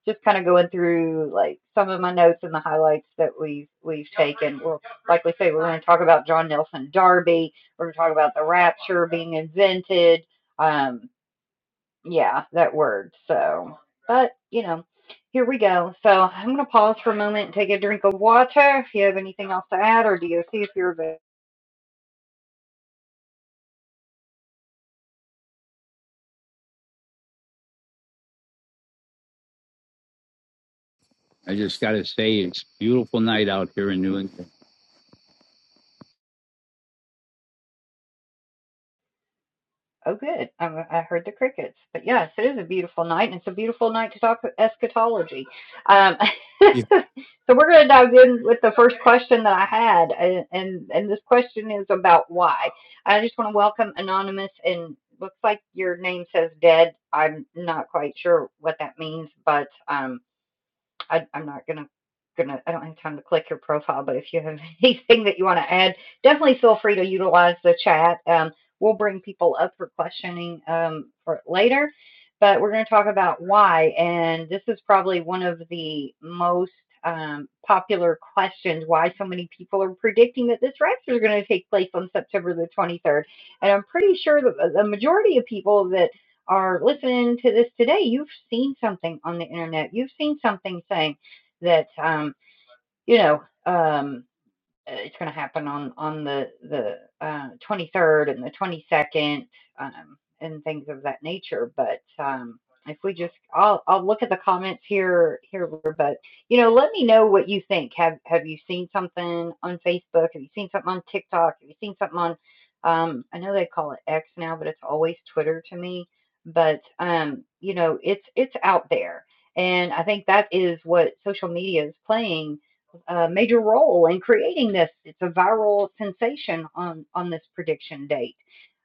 S1: just kind of going through like some of my notes and the highlights that we've we've taken. We'll like we say we're going to talk about John Nelson Darby. We're going to talk about the rapture being invented. Um, yeah, that word. So, but you know, here we go. So I'm gonna pause for a moment and take a drink of water. If you have anything else to add, or do you see if you're available?
S3: I just got to say, it's a beautiful night out here in New England.
S1: Oh, good. I, I heard the crickets. But yes, it is a beautiful night, and it's a beautiful night to talk e-, eschatology. Um, (laughs) so we're going to dive in with the first question that I had, and, and and this question is about why. I just want to welcome anonymous, and looks like your name says dead. I'm not quite sure what that means, but um, I, I'm not gonna gonna I don't have time to click your profile, but if you have (laughs) anything that you want to add, definitely feel free to utilize the chat. Um, we'll bring people up for questioning um, for later, but we're going to talk about why, and this is probably one of the most um, popular questions why so many people are predicting that this rapture is going to take place on September the 23rd. And I'm pretty sure that the the majority of people that are listening to this today, you've seen something on the internet. You've seen something saying that, um, you know, um, uh, it's going to happen on on the the uh, 23rd and the 22nd um, and things of that nature. But um, if we just, I'll I'll look at the comments here here. But you know, let me know what you think. Have Have you seen something on Facebook? Have you seen something on TikTok? Have you seen something on? Um, I know they call it X now, but it's always Twitter to me. But um, you know, it's it's out there. And I think that is what social media is playing a major role in creating this. It's a viral sensation on on this prediction date.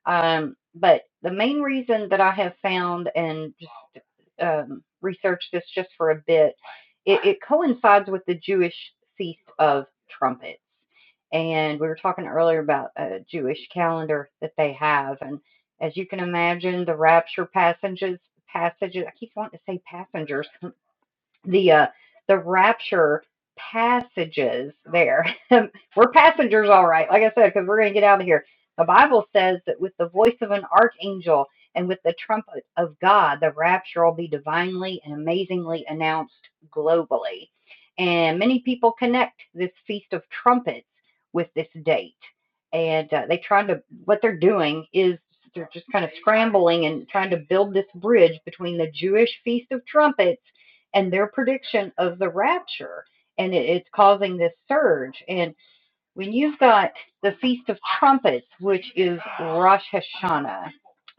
S1: Um, but the main reason that I have found and just um, researched this just for a bit, it, it coincides with the Jewish feast of trumpets. And we were talking earlier about a Jewish calendar that they have, and as you can imagine, the rapture passages passages. I keep wanting to say passengers the uh the rapture passages there (laughs) we're passengers all right like i said because we're going to get out of here the bible says that with the voice of an archangel and with the trumpet of god the rapture will be divinely and amazingly announced globally and many people connect this feast of trumpets with this date and uh, they trying to what they're doing is they're just kind of scrambling and trying to build this bridge between the jewish feast of trumpets and their prediction of the rapture. And it, it's causing this surge. And when you've got the Feast of Trumpets, which is Rosh Hashanah,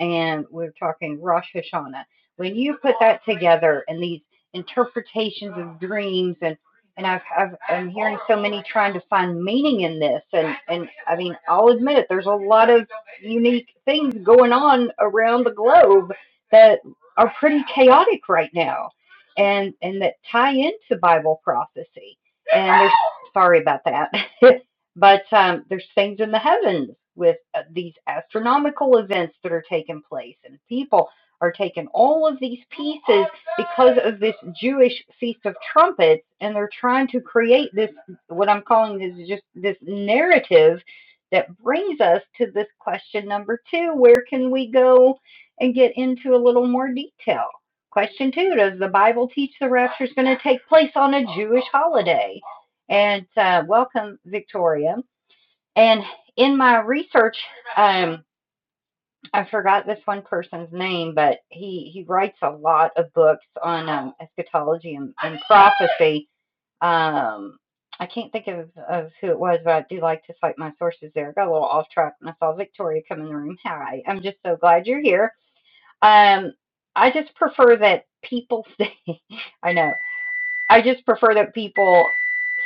S1: and we're talking Rosh Hashanah, when you put that together and these interpretations of dreams and and I've, I've I'm hearing so many trying to find meaning in this, and and I mean I'll admit it, there's a lot of unique things going on around the globe that are pretty chaotic right now, and and that tie into Bible prophecy. And there's sorry about that. (laughs) But um, there's things in the heavens with uh, these astronomical events that are taking place, and people are taking all of these pieces because of this Jewish feast of trumpets, and they're trying to create this what I'm calling this just this narrative that brings us to this question number two: Where can we go and get into a little more detail? Question two: Does the Bible teach the rapture is going to take place on a Jewish holiday? And uh, welcome, Victoria. And in my research, um, I forgot this one person's name, but he, he writes a lot of books on um, eschatology and, and prophecy. Um, I can't think of, of who it was, but I do like to cite my sources there. I Got a little off track and I saw Victoria come in the room. Hi, I'm just so glad you're here. Um, I just prefer that people stay. (laughs) I know. I just prefer that people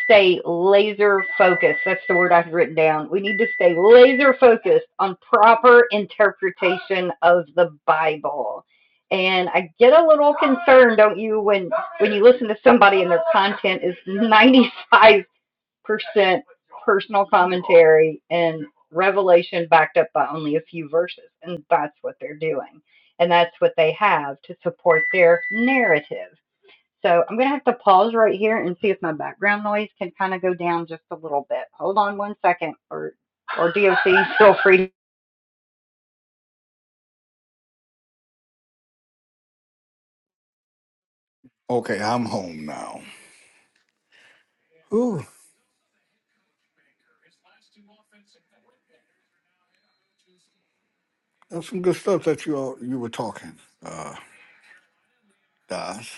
S1: stay laser focused. That's the word I've written down. We need to stay laser focused on proper interpretation of the Bible. And I get a little concerned, don't you, when when you listen to somebody and their content is 95% personal commentary and revelation backed up by only a few verses. And that's what they're doing. And that's what they have to support their narrative. So I'm going to have to pause right here and see if my background noise can kind of go down just a little bit. Hold on one second, or or DOC, feel free.
S2: (laughs) okay, I'm home now. Ooh, that's some good stuff that you all, you were talking, uh, Daz.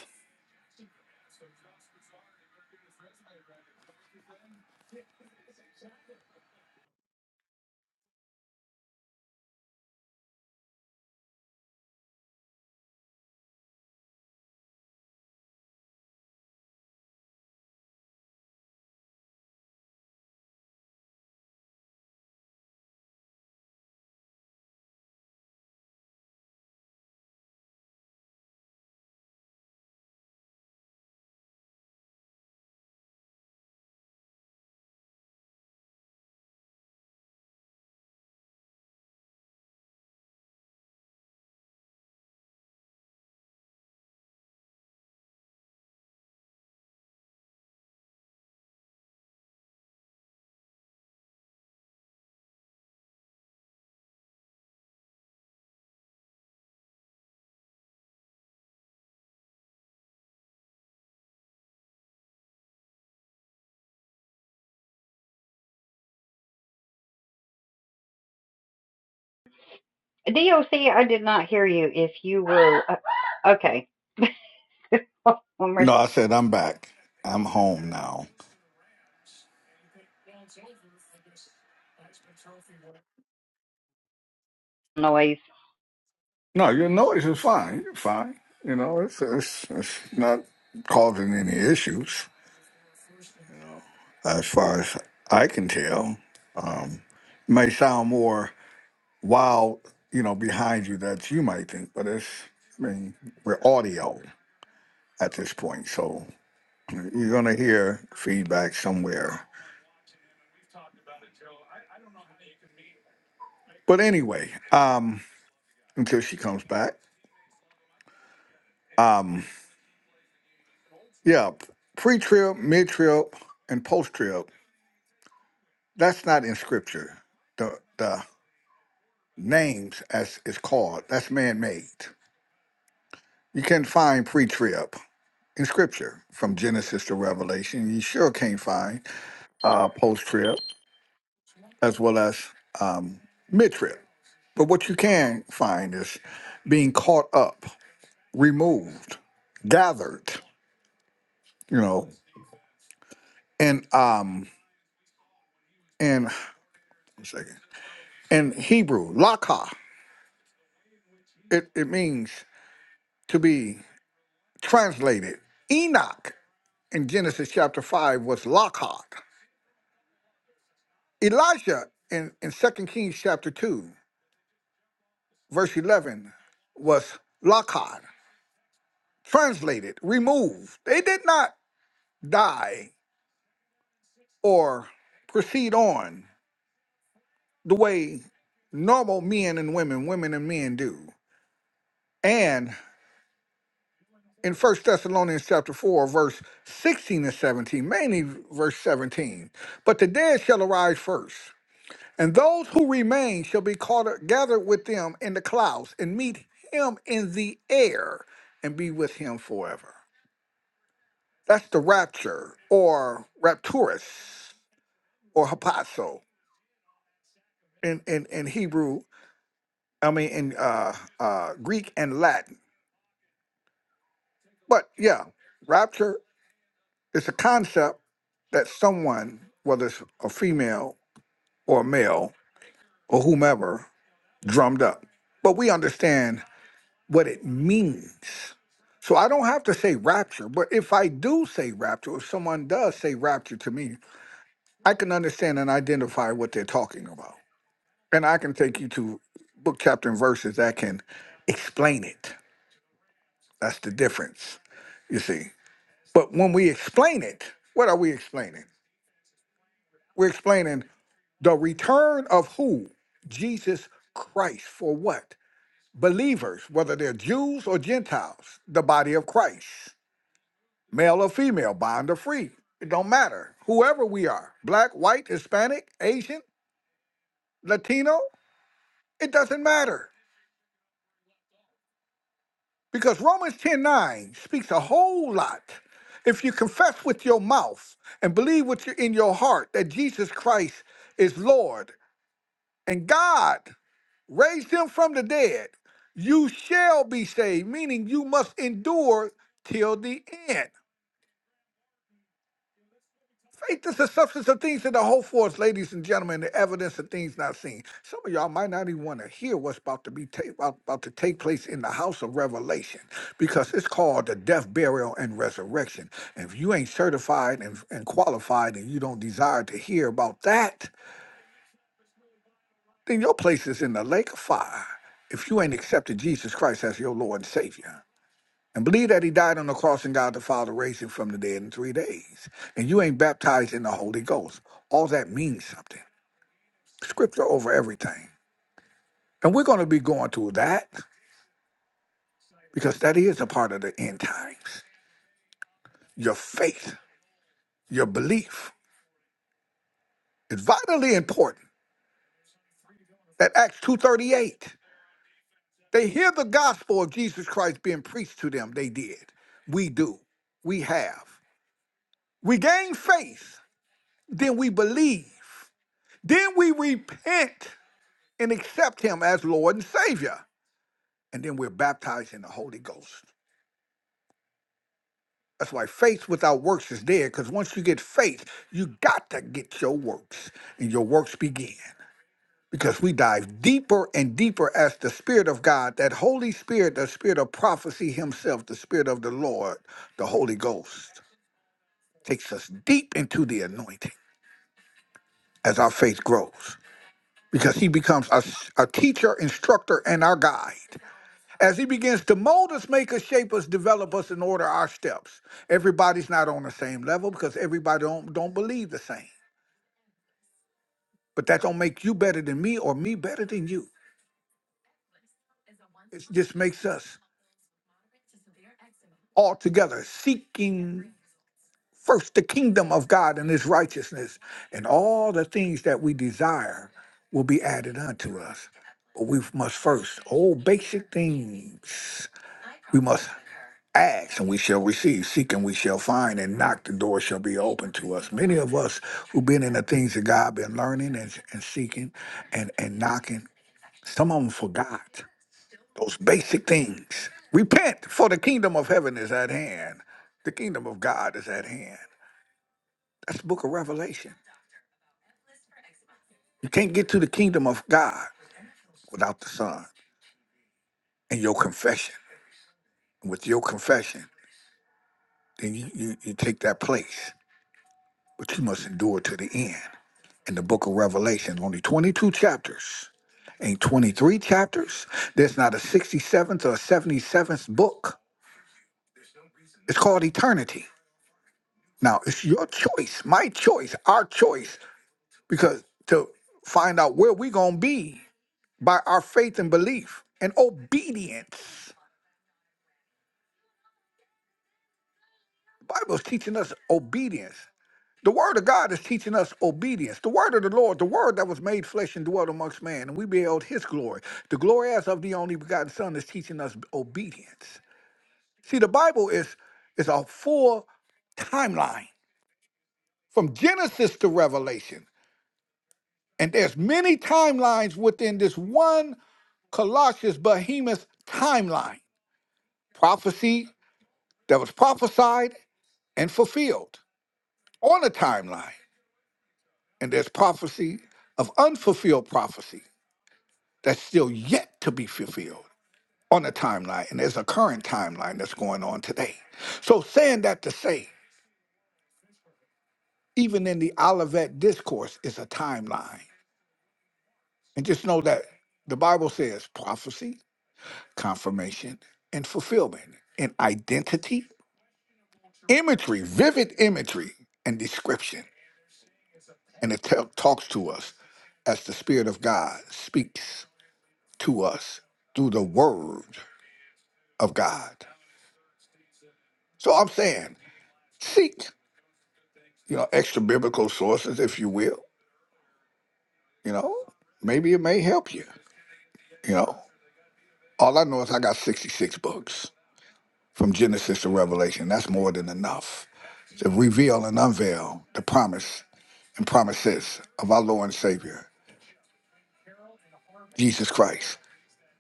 S1: DOC, I did not hear you. If you were uh, okay, (laughs) one more
S2: No, I said I'm back. I'm home now.
S1: noise.
S2: No, your noise is fine. You're fine. You know, it's, it's, it's not causing any issues as far as I can tell. Um, it may sound more while you know behind you that you might think, but it's I mean we're audio at this point, so you're gonna hear feedback somewhere. But anyway, um, until she comes back, um, yeah, pre trip, mid trip, and post trip. That's not in scripture. The the names as it's called that's man made. You can find pre trip in scripture from Genesis to Revelation. You sure can't find uh, post trip. as well as mid trip. But what you can find is being caught up, removed, gathered, you know, and um in one second. In Hebrew, laka, it, it means to be translated. Enoch in Genesis chapter five was lakad. Elijah in, in 2 Kings chapter two, verse eleven, was lakad, translated, removed. They did not die or proceed on the way normal men and women, women and men do. And in First Thessalonians chapter 4, verse 16 and 17, mainly verse 17, but the dead shall arise first, and those who remain shall be caught up, gathered with them in the clouds and meet him in the air and be with him forever. That's the rapture or rapturus or hapazo in, in, in Hebrew I mean, in uh, uh, Greek and Latin. But yeah, rapture is a concept that someone, whether it's a female or a male or whomever, drummed up. But we understand what it means. So I don't have to say rapture, but if I do say rapture, if someone does say rapture to me, I can understand and identify what they're talking about. And I can take you to book, chapter, and verses that can explain it. That's the difference, you see. But when we explain it, what are we explaining? We're explaining the return of who? Jesus Christ. For what? Believers, whether they're Jews or Gentiles, the body of Christ, male or female, bond or free. It don't matter. Whoever we are, black, white, Hispanic, Asian, Latino, it doesn't matter. Because Romans 10 9 speaks a whole lot. If you confess with your mouth and believe with your, in your heart that Jesus Christ is Lord and God raised him from the dead, you shall be saved, meaning you must endure till the end. Faith is the substance of things that are hoped for, ladies and gentlemen, the evidence of things not seen. Some of y'all might not even want to hear what's about to be ta- about, about to take place in the house of Revelation, because it's called the death, burial, and resurrection. And if you ain't certified and, and qualified, and you don't desire to hear about that, then your place is in the lake of fire if you ain't accepted Jesus Christ as your Lord and Savior. And believe that he died on the cross and God the Father raised him from the dead in three days. And you ain't baptized in the Holy Ghost. All that means something. Scripture over everything. And we're going to be going through that because that is a part of the end times. Your faith, your belief is vitally important. That Acts 2.38, they hear the gospel of Jesus Christ being preached to them. They did. We do we have. We gain faith, then we believe. Then we repent and accept him as Lord and Savior. And then we're baptized in the Holy Ghost. That's why faith without works is dead, because once you get faith, you got to get your works, and your works begin. Because we dive deeper and deeper as the Spirit of God, that Holy Spirit, the Spirit of prophecy Himself, the Spirit of the Lord, the Holy Ghost, takes us deep into the anointing as our faith grows. because he becomes a, a teacher, instructor, and our guide. As he begins to mold us, make us, shape us, develop us, and order our steps. Everybody's not on the same level because everybody don't, don't believe the same. But that don't make you better than me or me better than you. It just makes us all together seeking first the kingdom of God and his righteousness, and all the things that we desire will be added unto us. But we must first, all basic things, we must. Ask and we shall receive, seek and we shall find, and knock the door shall be open to us. Many of us who've been in the things that God been learning and, and seeking and, and knocking, some of them forgot those basic things. Repent, for the kingdom of heaven is at hand. The kingdom of God is at hand. That's the book of Revelation. You can't get to the kingdom of God without the Son and your confession. With your confession, then you, you, you take that place, but you must endure to the end. in the book of Revelation. Only 22 chapters. Ain't 23 chapters. There's not a 67th or a 77th book. It's called eternity. Now, it's your choice, my choice, our choice, because to find out where we're going to be by our faith and belief and obedience. The Bible's teaching us obedience. The word of God is teaching us obedience. The word of the Lord, the word that was made flesh and dwelt amongst man, and we beheld his glory. The glory as of the only begotten Son is teaching us obedience. See, the Bible is, is a full timeline from Genesis to Revelation. And there's many timelines within this one Colossians behemoth timeline. Prophecy that was prophesied and fulfilled on a timeline. And there's prophecy of unfulfilled prophecy that's still yet to be fulfilled on a timeline. And there's a current timeline that's going on today. So, saying that to say, even in the Olivet discourse is a timeline. And just know that the Bible says prophecy, confirmation, and fulfillment, and identity, imagery, vivid imagery, and description. And it tel- talks to us as the Spirit of God speaks to us through the Word of God. So I'm saying, seek. you know, extra biblical sources, if you will. You know, maybe it may help you. You know, all I know is I got 66 books from Genesis to Revelation. That's more than enough to reveal and unveil the promise and promises of our Lord and Savior, Jesus Christ,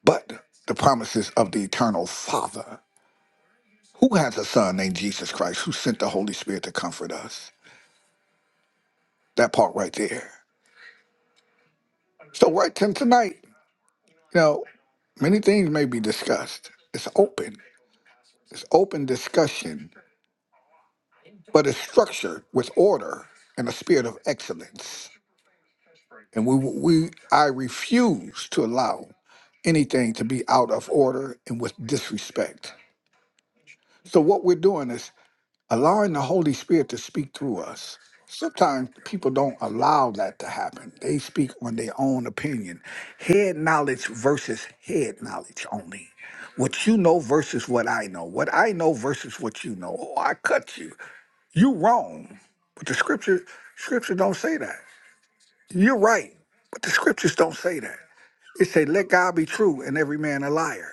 S2: but the promises of the eternal Father, who has a son named Jesus Christ, who sent the Holy Spirit to comfort us. That part right there. So, write to him tonight. Now, many things may be discussed. It's open, it's open discussion, but it's structured with order and a spirit of excellence. And we, we, I refuse to allow anything to be out of order and with disrespect. So what we're doing is allowing the Holy Spirit to speak through us. Sometimes people don't allow that to happen. They speak on their own opinion. Head knowledge versus head knowledge only. What you know versus what I know. What I know versus what you know. Oh, I cut you. You wrong. But the scripture scripture don't say that. You're right. But the scriptures don't say that. It say let God be true and every man a liar.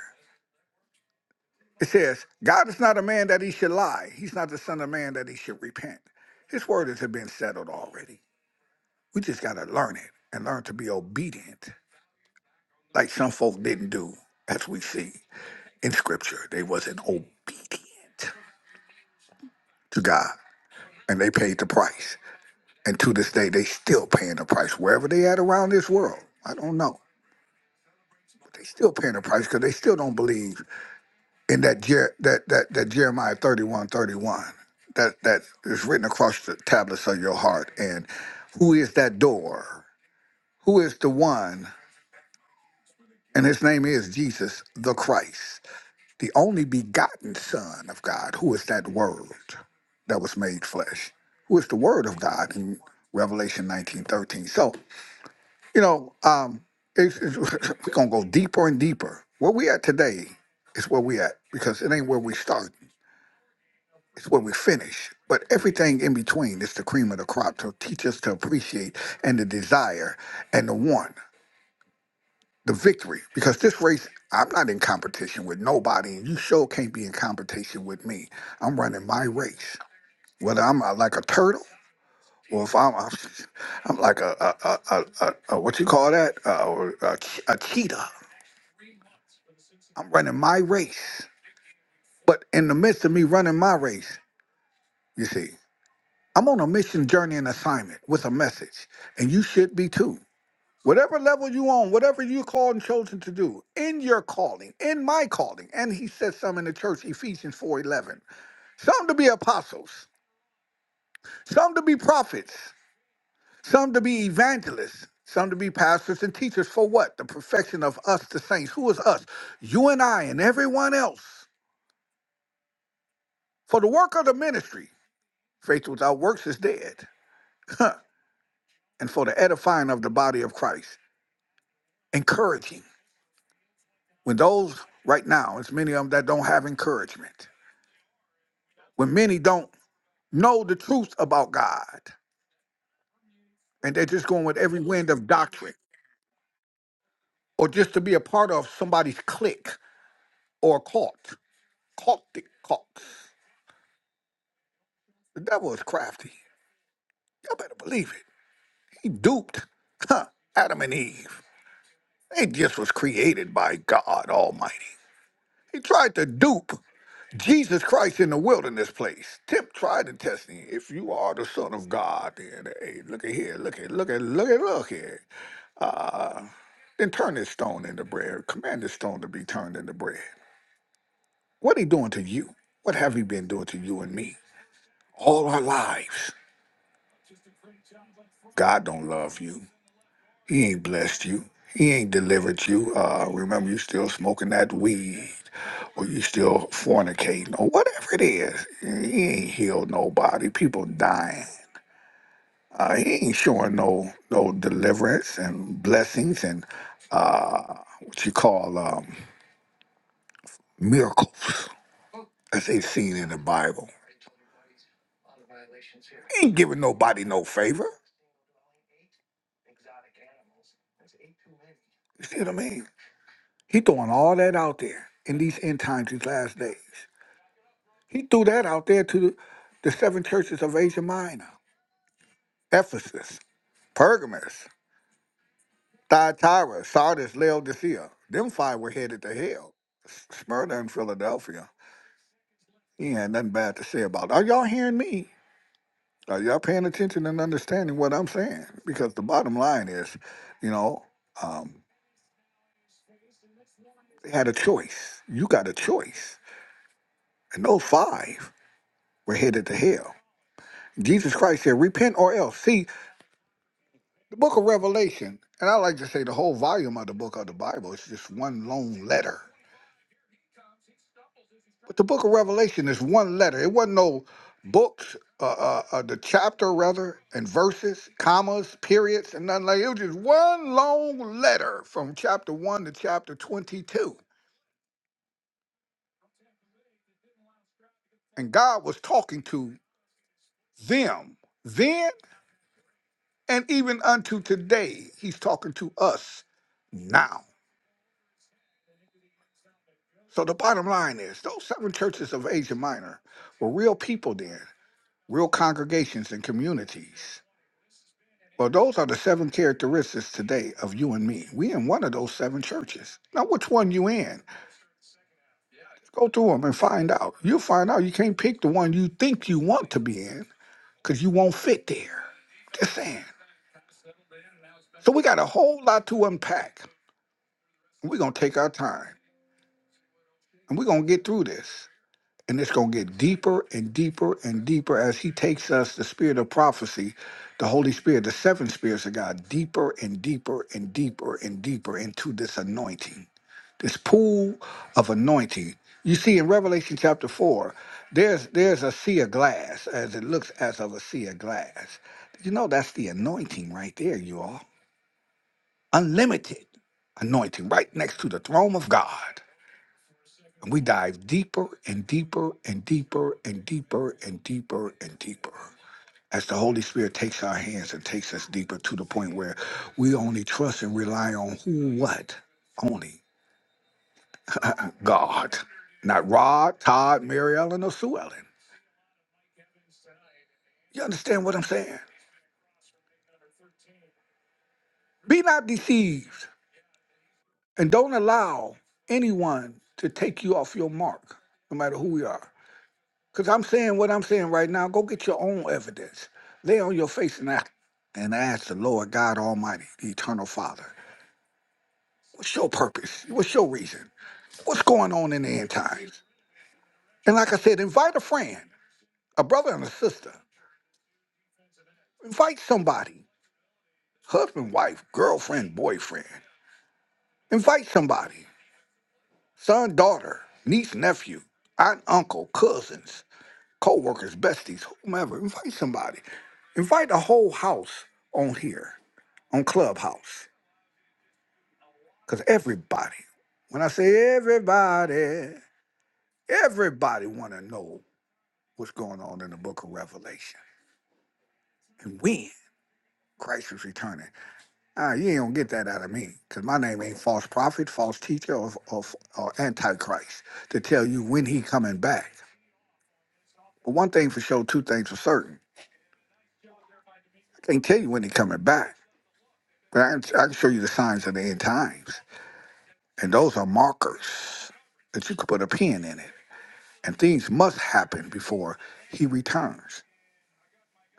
S2: It says, God is not a man that he should lie. He's not the son of man that he should repent. His word has been settled already. We just got to learn it and learn to be obedient, like some folk didn't do, as we see in scripture. They wasn't obedient to God, and they paid the price. And to this day, they still paying the price wherever they at around this world. I don't know. But they still paying the price because they still don't believe in that Jer- that that that Jeremiah 31 31 that that is written across the tablets of your heart. And who is that door? Who is the one? And his name is Jesus the Christ, the only begotten Son of God. Who is that word that was made flesh? Who is the word of God in Revelation 19 13? So, you know, um, it's, it's, (laughs) we're gonna go deeper and deeper. Where we at today is where we at, because it ain't where we started. It's where we finish. But everything in between is the cream of the crop to teach us to appreciate and the desire and the want, the victory. Because this race, I'm not in competition with nobody, and you sure can't be in competition with me. I'm running my race. Whether I'm uh, like a turtle or if I'm, I'm, (laughs) I'm like a, a, a, a, a, a, what you call that? Uh, a, a cheetah. I'm running my race. But in the midst of me running my race, you see. I'm on a mission, journey, and assignment with a message, and you should be too. Whatever level you on, whatever you called and chosen to do, in your calling, in my calling, and he said some in the church, Ephesians 4:11. Some to be apostles, some to be prophets, some to be evangelists, some to be pastors and teachers. For what? The perfection of us, the saints. Who is us? You and I and everyone else. For the work of the ministry, faith without works is dead. (laughs) and for the edifying of the body of Christ, encouraging When those right now, it's many of them that don't have encouragement. When many don't know the truth about God, and they're just going with every wind of doctrine, or just to be a part of somebody's clique or cult, cultic cults. The devil is crafty. Y'all better believe it. He duped huh, Adam and Eve. They just was created by God Almighty. He tried to dupe Jesus Christ in the wilderness place. Tip tried to test him. If you are the Son of God, then hey, look at here, look at, look at, look at, look here. Then turn this stone into bread. Command this stone to be turned into bread. What he doing to you? What have he been doing to you and me? All our lives. God don't love you. He ain't blessed you. He ain't delivered you. Uh, remember, you still smoking that weed, or you still fornicating, or whatever it is. He ain't healed nobody. People dying. Uh, he ain't showing no no deliverance and blessings and uh, what you call um, miracles as they seen in the Bible. He ain't giving nobody no favor. You see what I mean? He throwing all that out there in these end times, these last days. He threw that out there to the seven churches of Asia Minor Ephesus, Pergamus, Thyatira, Sardis, Laodicea. Them five were headed to hell. S- Smyrna and Philadelphia. He had nothing bad to say about it. Are y'all hearing me? Are y'all paying attention and understanding what I'm saying? Because the bottom line is, you know, um, they had a choice. You got a choice. And those five were headed to hell. Jesus Christ said, repent or else. See, The book of Revelation, and I like to say the whole volume of the book of the Bible is just one long letter. But the book of Revelation is one letter. It wasn't no books, uh, uh, uh, the chapter rather, and verses, commas, periods, and nothing like It It was just one long letter from chapter 1 to chapter 22. And God was talking to them then and even unto today. He's talking to us now. So the bottom line is those seven churches of Asia Minor were real people then, real congregations and communities. Well, those are the seven characteristics today of you and me. We in one of those seven churches. Now, which one you in? Go through them and find out. You'll find out you can't pick the one you think you want to be in because you won't fit there. Just saying. So we got a whole lot to unpack. We're going to take our time and we're going to get through this. And it's going to get deeper and deeper and deeper as he takes us, the spirit of prophecy, the Holy Spirit, the seven spirits of God, deeper and deeper and deeper and deeper into this anointing, this pool of anointing. You see, in Revelation chapter 4, there's, there's a sea of glass, as it looks as of a sea of glass. You know, that's the anointing right there, you all. Unlimited anointing right next to the throne of God. And we dive deeper and deeper and deeper and deeper and deeper and deeper as the Holy Spirit takes our hands and takes us deeper to the point where we only trust and rely on who, what, only God, not Rod, Todd, Mary Ellen, or Sue Ellen. You understand what I'm saying? Be not deceived and don't allow anyone to take you off your mark, no matter who we are. Because I'm saying what I'm saying right now. Go get your own evidence. Lay on your face and ask, and ask the Lord God Almighty, the Eternal Father, what's your purpose? What's your reason? What's going on in the end times? And like I said, invite a friend, a brother and a sister. Invite somebody, husband, wife, girlfriend, boyfriend. Invite somebody, son, daughter, niece, nephew, aunt, uncle, cousins. coworkers, besties, whomever. Invite somebody. Invite the whole house on here, on Clubhouse. Because everybody, when I say everybody, everybody want to know what's going on in the book of Revelation and when Christ is returning. Ah, you ain't going to get that out of me because my name ain't false prophet, false teacher, or, or, or antichrist to tell you when he coming back. But one thing for sure, two things for certain. I can't tell you when he coming back. But I, can- I can show you the signs of the end times. And those are markers that you could put a pin in it. And things must happen before he returns.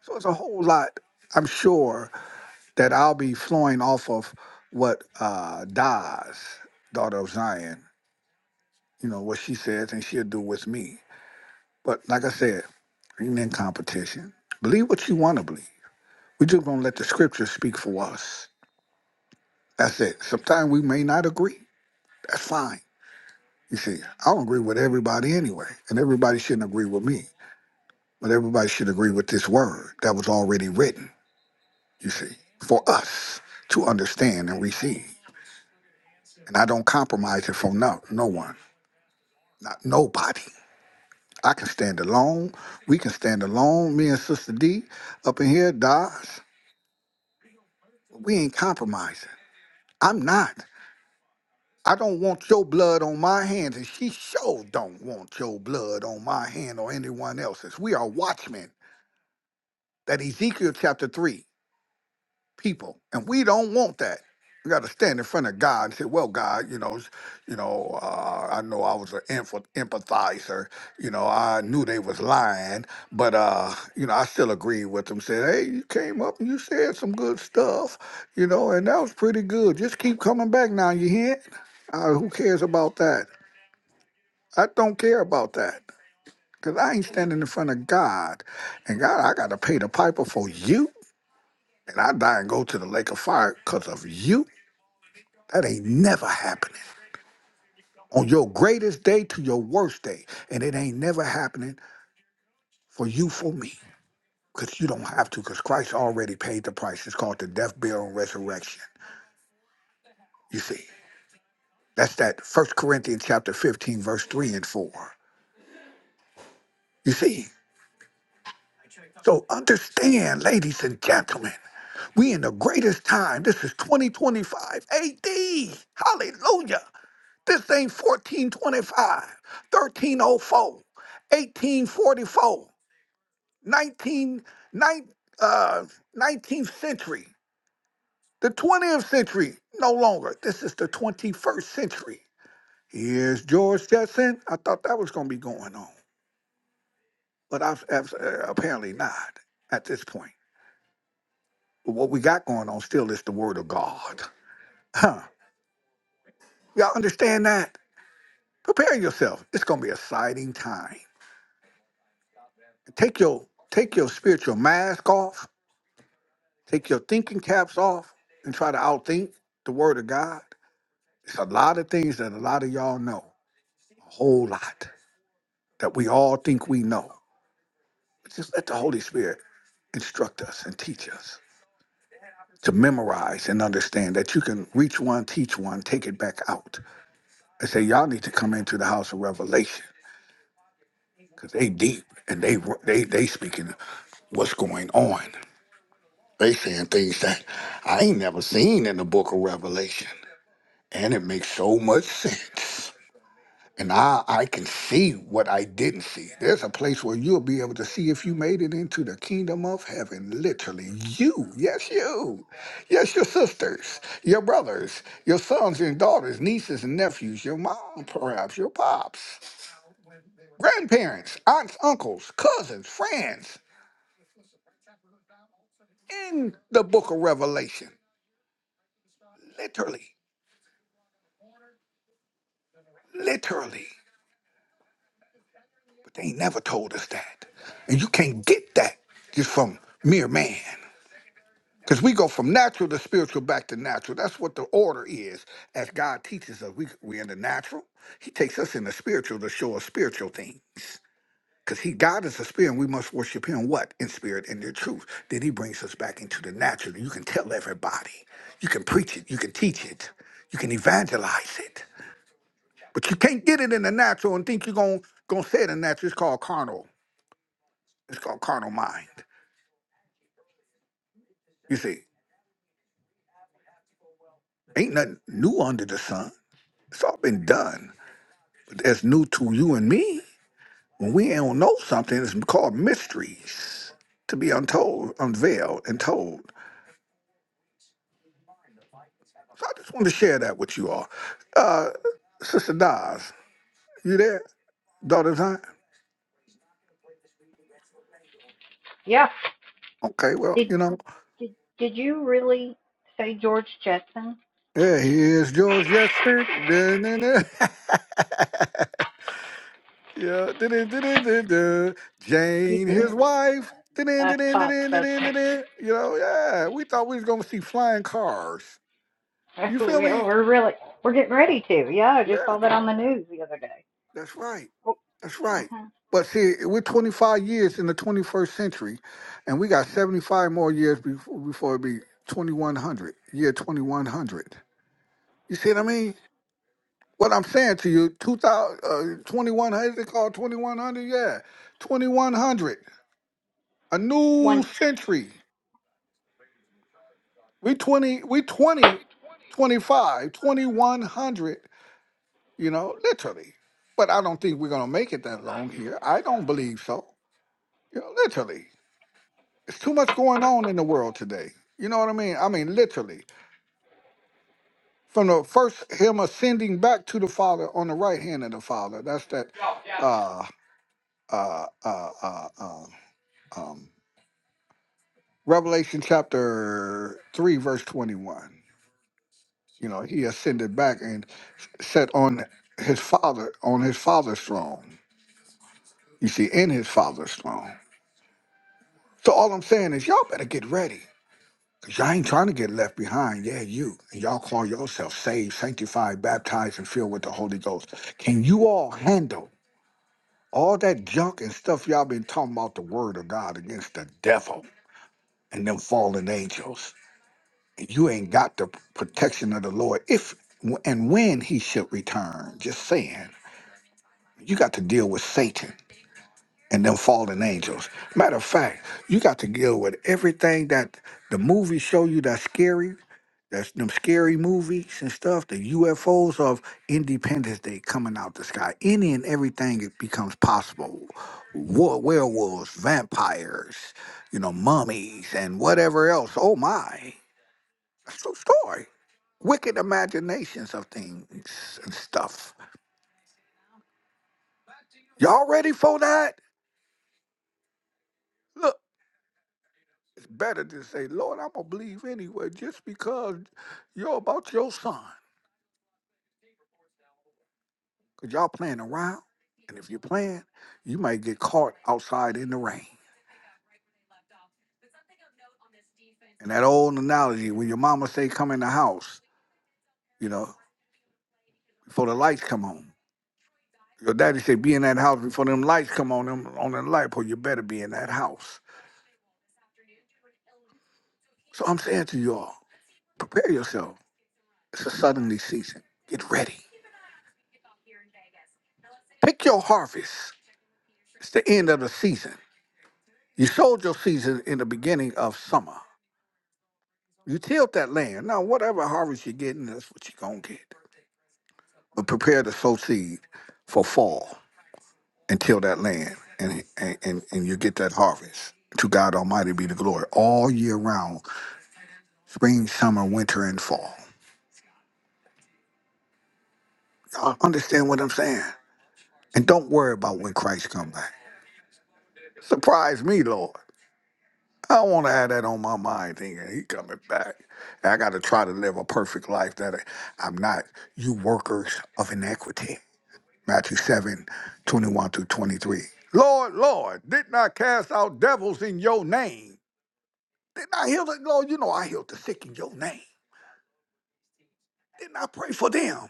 S2: So it's a whole lot, I'm sure, that I'll be flowing off of what uh, Daz, daughter of Zion, you know, what she says and she'll do with me. But like I said, ain't in competition. Believe what you want to believe. we just going to let the scriptures speak for us. That's it. Sometimes we may not agree. That's fine. You see, I don't agree with everybody anyway, and everybody shouldn't agree with me, but everybody should agree with this word that was already written, you see, for us to understand and receive. And I don't compromise it from no, no one, not nobody. I can stand alone. We can stand alone. Me and Sister D up in here, Dodge, we ain't compromising. I'm not. I don't want your blood on my hands, and she sure don't want your blood on my hand or anyone else's. We are watchmen that Ezekiel chapter 3 people. And we don't want that. We got to stand in front of God and say, "Well, God, you know, s- you know, uh, I know I was an emph- empathizer. You know, I knew they was lying, but uh, you know, I still agreed with them. Said, hey, you came up and you said some good stuff, you know, and that was pretty good. Just keep coming back now. You hear? Uh, who cares about that? I don't care about that because I ain't standing in front of God, and God, I got to pay the piper for you and I die and go to the lake of fire because of you, that ain't never happening. On your greatest day to your worst day, and it ain't never happening for you, for me, because you don't have to, because Christ already paid the price. It's called the death, burial, and resurrection. You see, that's that First Corinthians chapter 15, verse 3 and 4. You see, so understand, ladies and gentlemen, we in the greatest time. This is 2025 AD. Hallelujah. This thing 1425, 1304, 1844, 19, nine, uh, 19th century, the 20th century, no longer. This is the 21st century. Here's George Jetson. I thought that was going to be going on, but I've, I've, uh, apparently not at this point. But what we got going on still is the Word of God. Huh. Y'all understand that? Prepare yourself. It's going to be an exciting time. Take your take your spiritual mask off, take your thinking caps off, and try to outthink the word of God. It's a lot of things that a lot of y'all know, a whole lot that we all think we know. But Just let the Holy Spirit instruct us and teach us to memorize and understand that you can reach one, teach one, take it back out. I say y'all need to come into the house of revelation because they deep and they they they speaking what's going on. They saying things that I ain't never seen in the book of Revelation. And it makes so much sense. And I, I can see what I didn't see. There's a place where you'll be able to see if you made it into the kingdom of heaven. Literally, you, yes, you, yes, your sisters, your brothers, your sons and daughters, nieces and nephews, your mom, perhaps, your pops, grandparents, aunts, uncles, cousins, friends, in the book of Revelation. Literally, literally. But they ain't never told us that. And you can't get that just from mere man. Because we go from natural to spiritual back to natural. That's what the order is. As God teaches us, we, we're in the natural. He takes us in the spiritual to show us spiritual things. Because he God is a spirit, and we must worship him what? In spirit and in truth. Then he brings us back into the natural. You can tell everybody. You can preach it. You can teach it. You can evangelize it. But you can't get it in the natural and think you're gonna say it in the natural. It's called carnal. It's called carnal mind. You see, ain't nothing new under the sun. It's all been done. But that's new to you and me. When we don't know something, it's called mysteries to be untold, unveiled, and told. So I just want to share that with you all. Uh, Sister Daz, you there? Daughter Zion?
S1: Yeah.
S2: Okay, well, you
S1: Did
S2: know,
S1: did did you really say George Jetson?
S2: yeah, he is Yes, sir. Da, da, da. (laughs) Yeah. Du-du-du-du-du-du.
S1: You
S2: Jane, his
S1: did.
S2: wife. du du
S1: I
S2: du du
S1: thought
S2: du du
S1: that. (laughs)
S2: du du You know, yeah. We thought we was gonna see flying cars. You
S1: Well,
S2: feel me?
S1: we're really we're getting ready to. Yeah, I just
S2: Yeah,
S1: saw that on the news the other day.
S2: that's right. That's right. But see, we're 25 years in the 21st century, and we got 75 more years before, before it be 2100, year 2100. You see what I mean? What I'm saying to you, 2000, uh, 2100, is it called 2100? Yeah, 2100, a new
S1: Once
S2: century. We 20, we 20, 25, 2100, you know, literally. But I don't think we're going to make it that long here. I don't believe so. You know, literally. It's too much going on in the world today. You know what I mean? I mean, literally. From the first, him ascending back to the Father on the right hand of the Father. That's that uh, uh, uh, uh, uh, um, Revelation chapter 3, verse 21. You know, he ascended back and sat on his father on his father's throne. You see, in his father's throne. So all I'm saying is y'all better get ready. Cause y'all ain't trying to get left behind. Yeah, you. And y'all call yourself saved, sanctified, baptized, and filled with the Holy Ghost. Can you all handle all that junk and stuff y'all been talking about the word of God against the devil and them fallen angels? And you ain't got the protection of the Lord if and when he should return. Just saying. you got to deal with Satan and them fallen angels. Matter of fact, you got to deal with everything that the movies show you that's scary. That's them scary movies and stuff. The UFOs of Independence Day coming out the sky. Any and everything it becomes possible. War, werewolves, vampires, you know, mummies, and whatever else. Oh my, that's a story. Wicked imaginations of things and stuff. Y'all ready for that? Look. It's better to say, Lord, I'm gonna believe anyway, just because you're about your son. Cause y'all playing around, and if you're playing, you might get caught outside in the rain. And that old analogy when your mama say, "Come in the house," you know, before the lights come on. Your daddy say, "Be in that house before them lights come on them on the light pole. You better be in that house." So I'm saying to y'all, prepare yourself. It's a suddenly season. Get ready. Pick your harvest. It's the end of the season. You sowed your season in the beginning of summer. You tilled that land. Now, whatever harvest you're getting, that's what you're going to get. But prepare to sow seed for fall and till that land, and, and, and, and you get that harvest. To God Almighty be the glory all year round spring, summer, winter, and fall. Y'all understand what I'm saying? And don't worry about when Christ come back. Surprise me, Lord. I don't want to have that on my mind thinking he coming back. And I got to try to live a perfect life that I- I'm not. You workers of iniquity. Matthew seven, twenty one 21 through 23. Lord, Lord, didn't I cast out devils in your name? Didn't I heal the, Lord, you know I healed the sick in your name. Didn't I pray for them?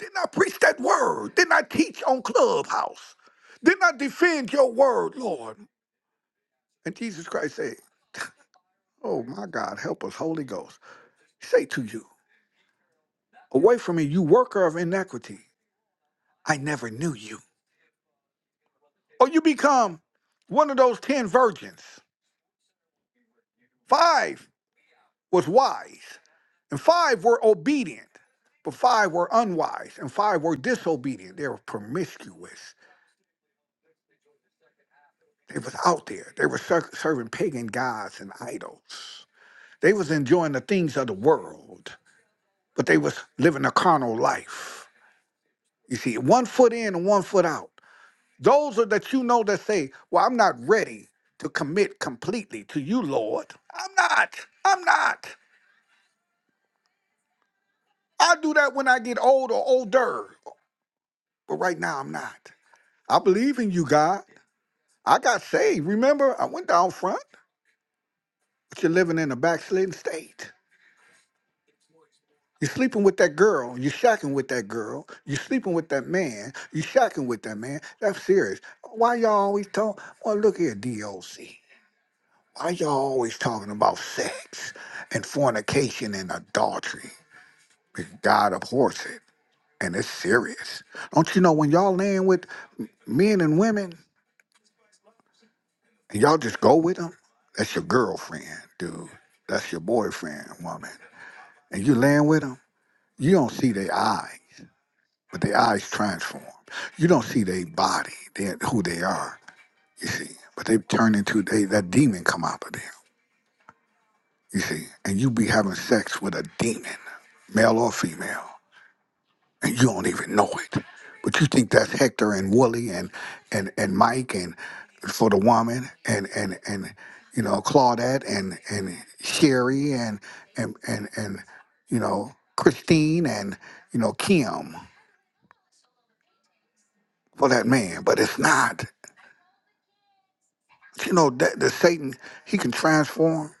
S2: Didn't I preach that word? Didn't I teach on Clubhouse? Didn't I defend your word, Lord? And Jesus Christ said, (laughs) Oh my God, help us, Holy Ghost. Say to you. Away from me, you worker of iniquity. I never knew you. Or you become one of those ten virgins. Five was wise, and five were obedient, but five were unwise, and five were disobedient. They were promiscuous. They was out there. They were ser- serving pagan gods and idols. They was enjoying the things of the world, but they was living a carnal life. You see, one foot in and one foot out. Those are that you know that say, Well, I'm not ready to commit completely to you, Lord. I'm not. I'm not. I'll do that when I get old or older. But right now, I'm not. I believe in you, God. I got saved. Remember, I went down front, but you're living in a backslidden state. You're sleeping with that girl. You're shacking with that girl. You're sleeping with that man. You're shacking with that man. That's serious. Why y'all always talk? Well, look here, DOC. Why y'all always talking about sex and fornication and adultery? Because God abhors it, and it's serious. Don't you know when y'all laying with m- men and women, and y'all just go with them? That's your girlfriend, dude. That's your boyfriend, woman. And you laying with them, you don't see their eyes, but their eyes transform. You don't see their body, their, who they are, you see. But they turn into, they, that demon come out of them, you see. And you be having sex with a demon male or female, and you don't even know it. But you think that's Hector and Wooly and and and Mike and for the woman and and and you know Claudette and and Sherry and and and and you know Christine and you know Kim for that man, but it's not. You know that the Satan he can transform,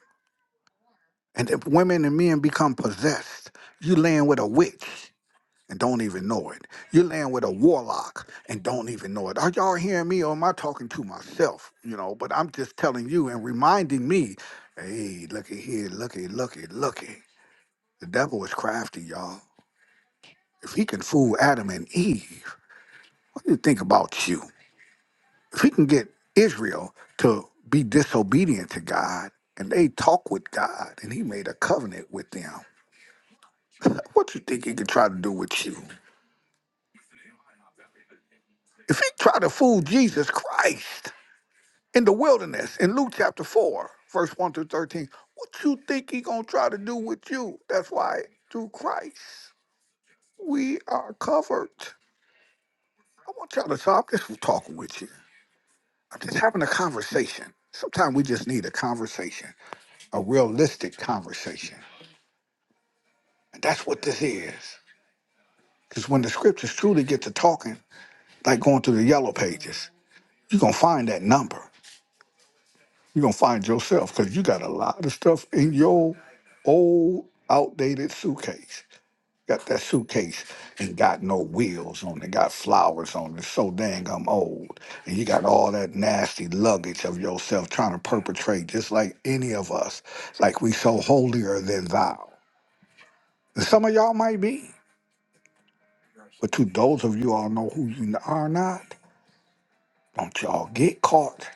S2: and if women and men become possessed, you land with a witch. and don't even know it. You're laying with a warlock and don't even know it. Are y'all hearing me or am I talking to myself? You know, but I'm just telling you and reminding me, hey, looky here, looky, looky, looky. The devil is crafty, y'all. If he can fool Adam and Eve, what do you think about you? If he can get Israel to be disobedient to God and they talk with God and he made a covenant with them, (laughs) what you think he can try to do with you? If he try to fool Jesus Christ, in the wilderness in Luke chapter 4, verse 1 through 13. What you think he gonna try to do with you? That's why through Christ we are covered. I want y'all to stop just talking with you. I'm just having a conversation. Sometimes we just need a conversation, a realistic conversation. And that's what this is. Because when the scriptures truly get to talking, like going through the yellow pages, you're gonna find that number. You're gonna find yourself because you got a lot of stuff in your old outdated suitcase. Got that suitcase and got no wheels on it, got flowers on it, so dang I'm old. And you got all that nasty luggage of yourself trying to perpetrate just like any of us, like we so holier than thou. And some of y'all might be, but to those of you all know who you are not, don't y'all get caught.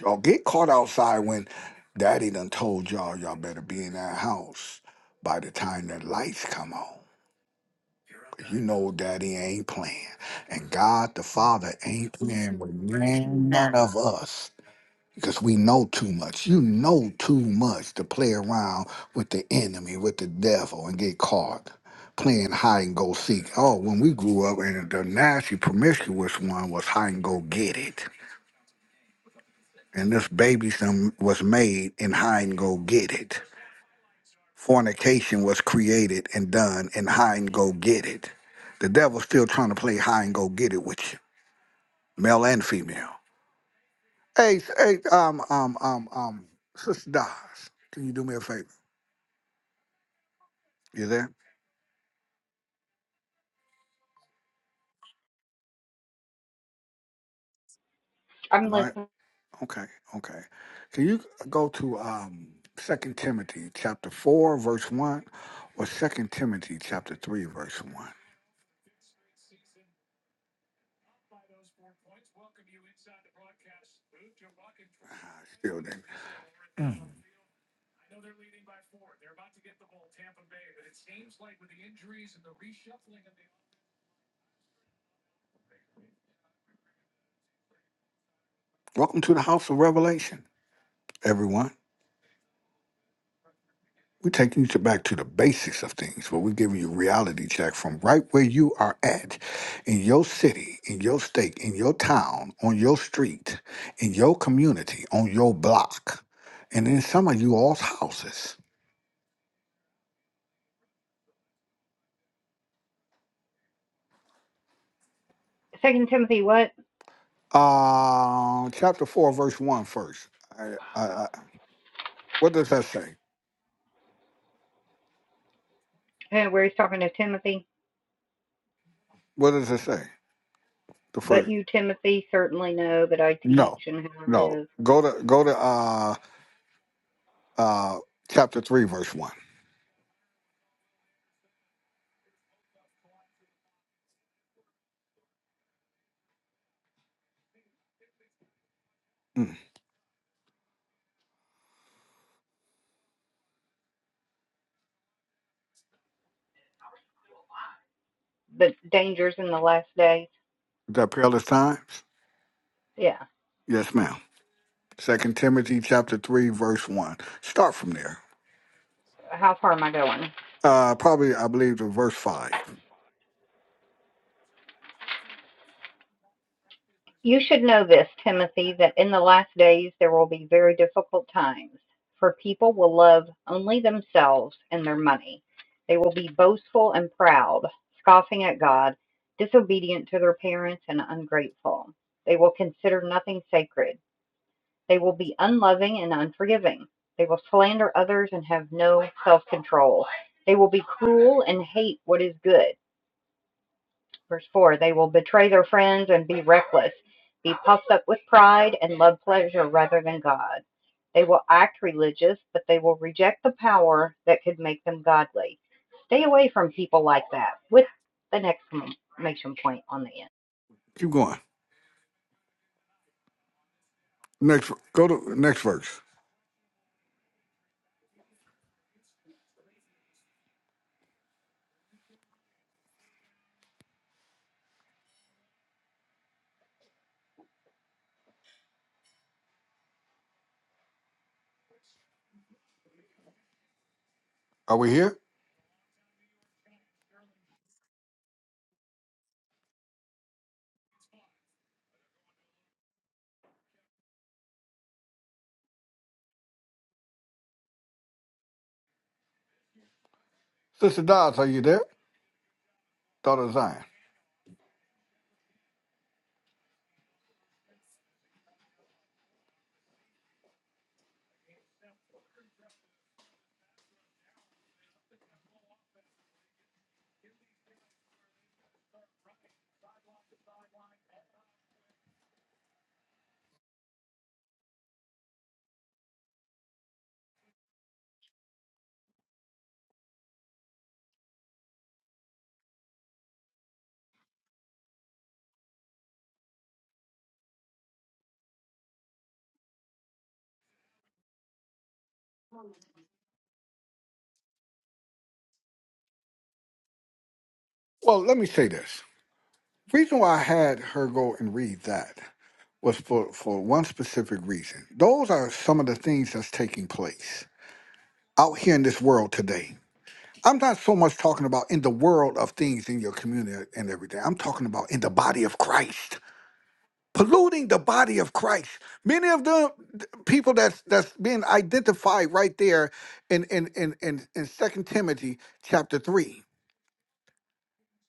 S2: Y'all get caught outside when daddy done told y'all y'all better be in that house by the time that lights come on. 'Cause You know daddy ain't playing. And God the Father ain't playing with none none of us. Because we know too much. You know too much to play around with the enemy, with the devil, and get caught playing hide and go seek. Oh, when we grew up, and the nasty, promiscuous one was hide and go get it. and this baby son was made and hide and go get it. Fornication was created and done and hide and go get it. The devil's still trying to play hide and go get it with you, male and female. Hey, s- hey, um, um, um, um, Sister Dawes, can you do me a favor? You there?
S1: I'm
S2: Am I
S1: listening.
S2: okay? Okay. Can you go to um Second Timothy chapter four verse one, or Second Timothy chapter three verse one? Still there. Welcome to the House of Revelation, everyone. We're taking you back to the basics of things, but we're giving you reality check from right where you are at, in your city, in your state, in your town, on your street, in your community, on your block, and in some of you all's houses.
S1: Second Timothy, what?
S2: Uh, chapter 4, verse one, first. I, I, I, what does that say?
S1: Uh, Where he's talking to Timothy
S2: What does it say? The
S1: But
S2: first.
S1: you, Timothy, certainly know that I teach
S2: No,
S1: and how I
S2: no.
S1: live.
S2: Go to go to uh uh chapter three, verse one. Mm.
S1: The dangers in the last days.
S2: Is that perilous times?
S1: Yeah.
S2: Yes, ma'am. Second Timothy chapter three, verse one. Start from there.
S1: How far am I going?
S2: Uh, probably I believe to verse five.
S1: You should know this, Timothy, that in the last days there will be very difficult times, for people will love only themselves and their money. They will be boastful and proud, scoffing at God, disobedient to their parents, and ungrateful. They will consider nothing sacred. They will be unloving and unforgiving. They will slander others and have no self control. They will be cruel and hate what is good. Verse 4 They will betray their friends and be reckless, be puffed up with pride and love pleasure rather than God. They will act religious, but they will reject the power that could make them godly. Stay away from people like that, with an exclamation point on the end.
S2: Keep going. Next, go to next verse. Are we here, Sister Dodds? Are you there? Daughter of Zion. Well, let me say this. Reason why I had her go and read that was for, for one specific reason. Those are some of the things that's taking place out here in this world today. I'm not so much talking about in the world of things in your community and everything. I'm talking about in the body of Christ, polluting the body of Christ. Many of the the people that's that's being identified right there in in in in, in Second Timothy chapter three.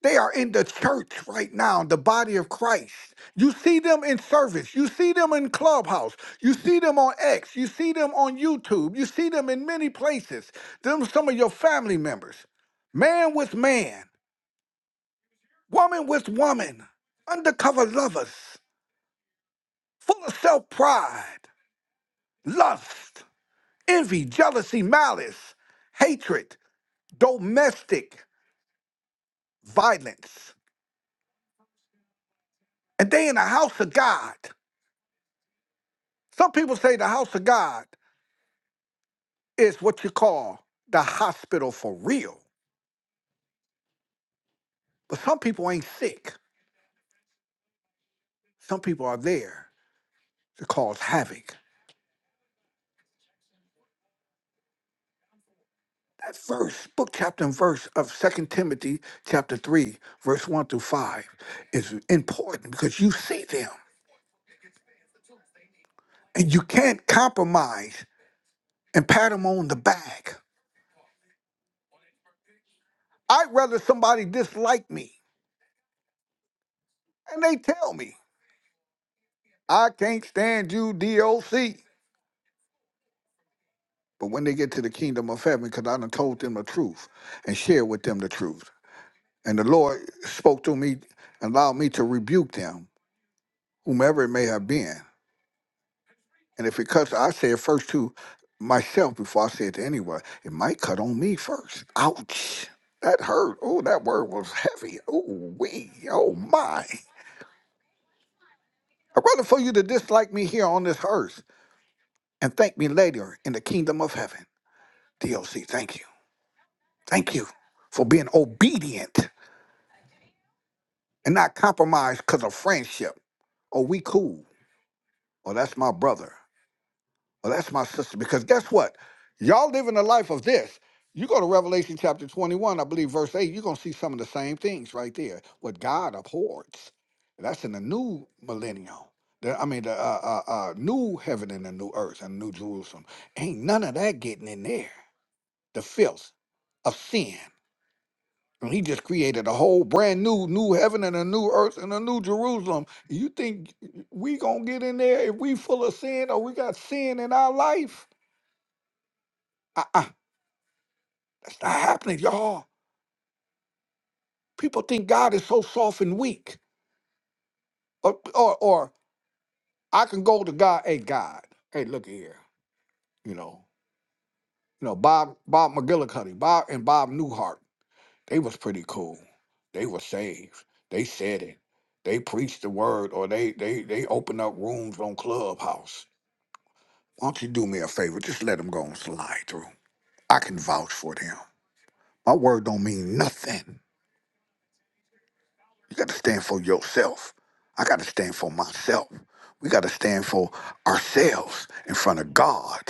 S2: They are in the church right now, the body of Christ. You see them in service. You see them in Clubhouse. You see them on X. You see them on YouTube. You see them in many places. Them some of your family members. Man with man. woman with woman, undercover lovers, full of self pride, lust, envy, jealousy, malice, hatred, domestic violence. And they in the house of God. Some people say the house of God is what you call the hospital for real. But some people ain't sick. Some people are there to cause havoc. That verse, book, chapter, and verse of Second Timothy chapter 3, verse 1 through 5 is important because you see them and you can't compromise and pat them on the back. I'd rather somebody dislike me and they tell me, I can't stand you, DOC. But when they get to the kingdom of heaven, because I done told them the truth and shared with them the truth. And the Lord spoke to me, and allowed me to rebuke them, whomever it may have been. And if it cuts, I say it first to myself before I say it to anyone. It might cut on me first. Ouch. That hurt. Oh, that word was heavy. Oh, wee. Oh, my. I'd rather for you to dislike me here on this earth and thank me later in the kingdom of heaven. DLC, thank you. Thank you for being obedient and not compromised because of friendship. Oh, we cool. Oh, that's my brother. Well, that's my sister. Because guess what? Y'all living a life of this. You go to Revelation chapter 21, I believe, verse 8, you're going to see some of the same things right there. What God abhors. That's in the new millennium. The- I mean, the uh, uh, uh, new heaven and the new earth and new Jerusalem. Ain't none of that getting in there. The filth of sin. And he just created a whole brand new, new heaven and a new earth and a new Jerusalem. You think we going to get in there if we full of sin or we got sin in our life? uh-uh, that's not happening, y'all. People think God is so soft and weak. Or, or, or I can go to God, hey God, hey look here, you know, you know Bob Bob McGillicuddy, Bob and Bob Newhart, they was pretty cool. They were saved. They said it. They preached the word, or they they they opened up rooms on Clubhouse. Why don't you do me a favor? Just let them go and slide through. I can vouch for them. My word don't mean nothing. You got to stand for yourself. I got to stand for myself. We got to stand for ourselves in front of God.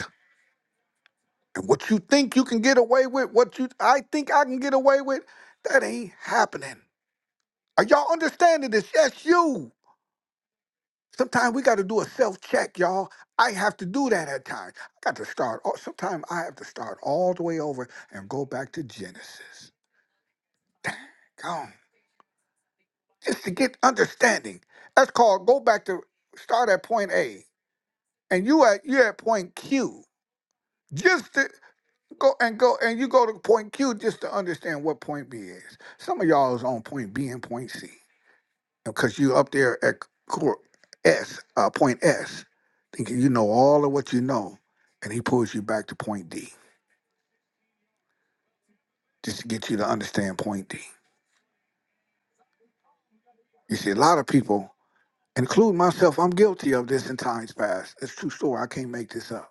S2: And what you think you can get away with, what you I think I can get away with, that ain't happening. Are y'all understanding this? Yes, you. Sometimes we got to do a self check, y'all. I have to do that at times. I got to start. all Sometimes I have to start all the way over and go back to Genesis. Come on, just to get understanding. That's called go back to start at point A and you at you at point Q. Just to go and go and you go to point Q just to understand what point B is. Some of y'all is on point B and point C because you up there at core S, uh, point S, thinking you know all of what you know, and he pulls you back to point D just to get you to understand point D. You see, a lot of people, including myself, I'm guilty of this in times past. It's a true story. I can't make this up.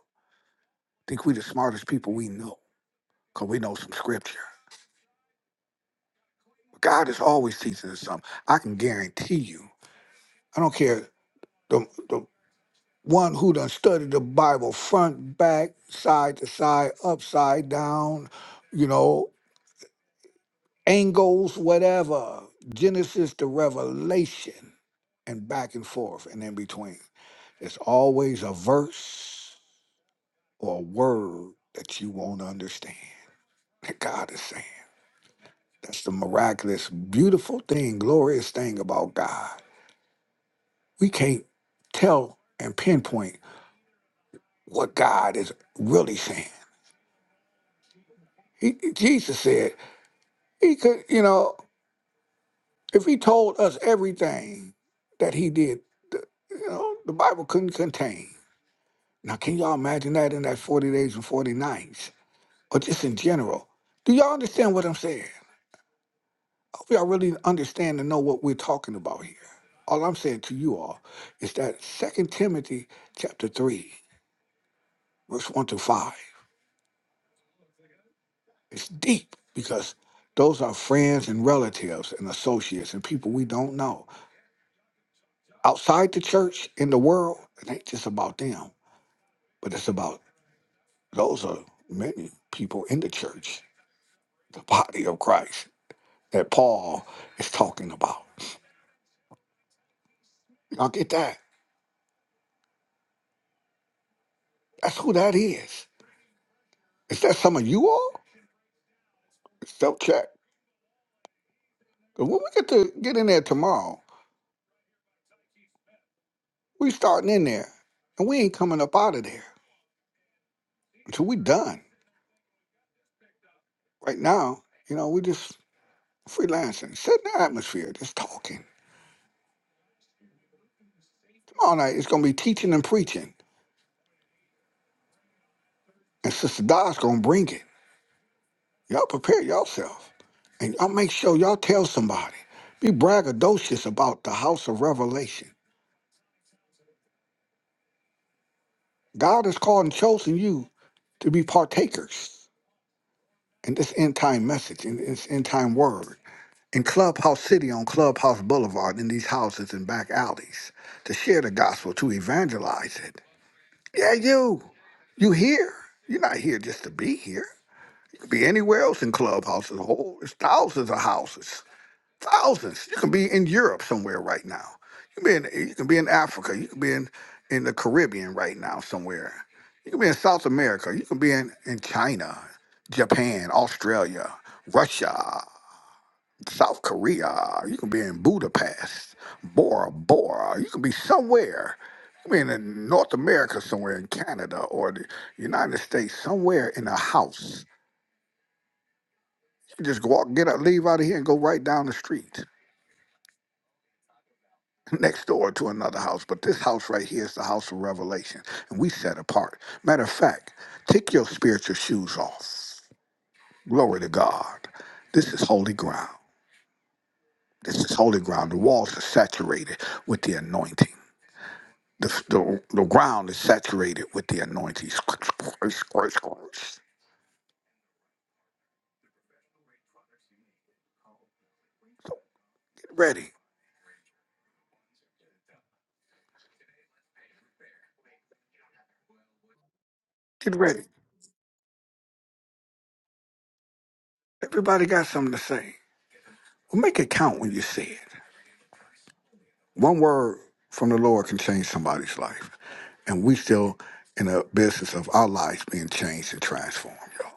S2: Think we the smartest people we know because we know some scripture. God is always teaching us something. I can guarantee you. I don't care the the one who done studied the Bible front, back, side to side, upside down, you know, angles, whatever, Genesis to Revelation, and back and forth and in between. There's always a verse or a word that you won't understand that God is saying. That's the miraculous, beautiful thing, glorious thing about God. we can't tell and pinpoint what God is really saying. He, Jesus said he could, you know, if he told us everything that he did, the, you know, the Bible couldn't contain. Now, can y'all imagine that in that 40 days and 40 nights, or just in general? Do y'all understand what I'm saying? I hope y'all really understand and know what we're talking about here. All I'm saying to you all is that Second Timothy chapter 3, verse 1 to 5. It's deep because those are friends and relatives and associates and people we don't know. Outside the church in the world, it ain't just about them, but it's about those are many people in the church, the body of Christ that Paul is talking about. Y'all get that? That's who that is. Is that some of you all? Self check. 'Cause When we get to get in there tomorrow, we starting in there and we ain't coming up out of there until we done. Right now, you know, we just freelancing, setting the atmosphere, just talking. Tomorrow night it's gonna be teaching and preaching, and Sister Dodge gonna bring it. Y'all prepare yourself, and y'all make sure y'all tell somebody. Be braggadocious about the house of revelation. God has called and chosen you to be partakers in this end time message, in this end time word, in Clubhouse City on Clubhouse Boulevard, in these houses and back alleys, to share the gospel, to evangelize it Yeah, you. You here. You're not here just to be here. You could be anywhere else in clubhouses. Whole there's thousands of houses. Thousands. You can be in Europe somewhere right now. You can be in you can be in Africa. You can be in, in the Caribbean right now somewhere. You can be in South America. You can be in, in China, Japan, Australia, Russia. South Korea. You can be in Budapest, Bora Bora. You can be somewhere. You can be in North America, somewhere in Canada or the United States, somewhere in a house. You can just walk, get up, leave out of here, and go right down the street (laughs) next door to another house. But this house right here is the house of revelation, and we set apart. Matter of fact, take your spiritual shoes off. Glory to God. This is holy ground. This is holy ground. The walls are saturated with the anointing. The, the, the ground is saturated with the anointing. Squish, squish, squish, squish. So get ready. Get ready. Everybody got something to say. Well, make it count when you say it. One word from the Lord can change somebody's life. And we still in the business of our lives being changed and transformed, y'all.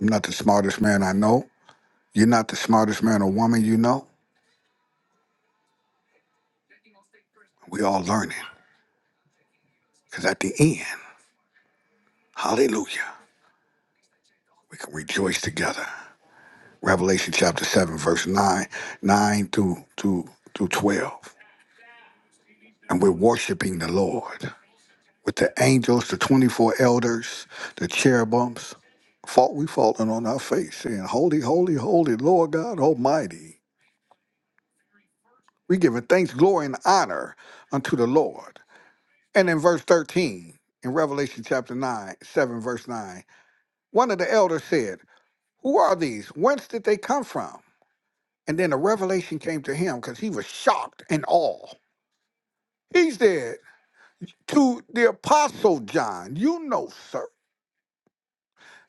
S2: I'm not the smartest man I know. You're not the smartest man or woman you know. We all learning. Because at the end, hallelujah, we can rejoice together. Revelation chapter 7, verse 9, 9 through, through, through 12. And we're worshiping the Lord with the angels, the 24 elders, the cherubims. Fall, we falling on our face, saying, Holy, holy, holy, Lord God Almighty. We giving thanks, glory, and honor unto the Lord. And in verse 13, in Revelation chapter 9, 7, verse 9, one of the elders said, Who are these? Whence did they come from? And then the revelation came to him because he was shocked and awe. He said to the apostle John, You know, sir,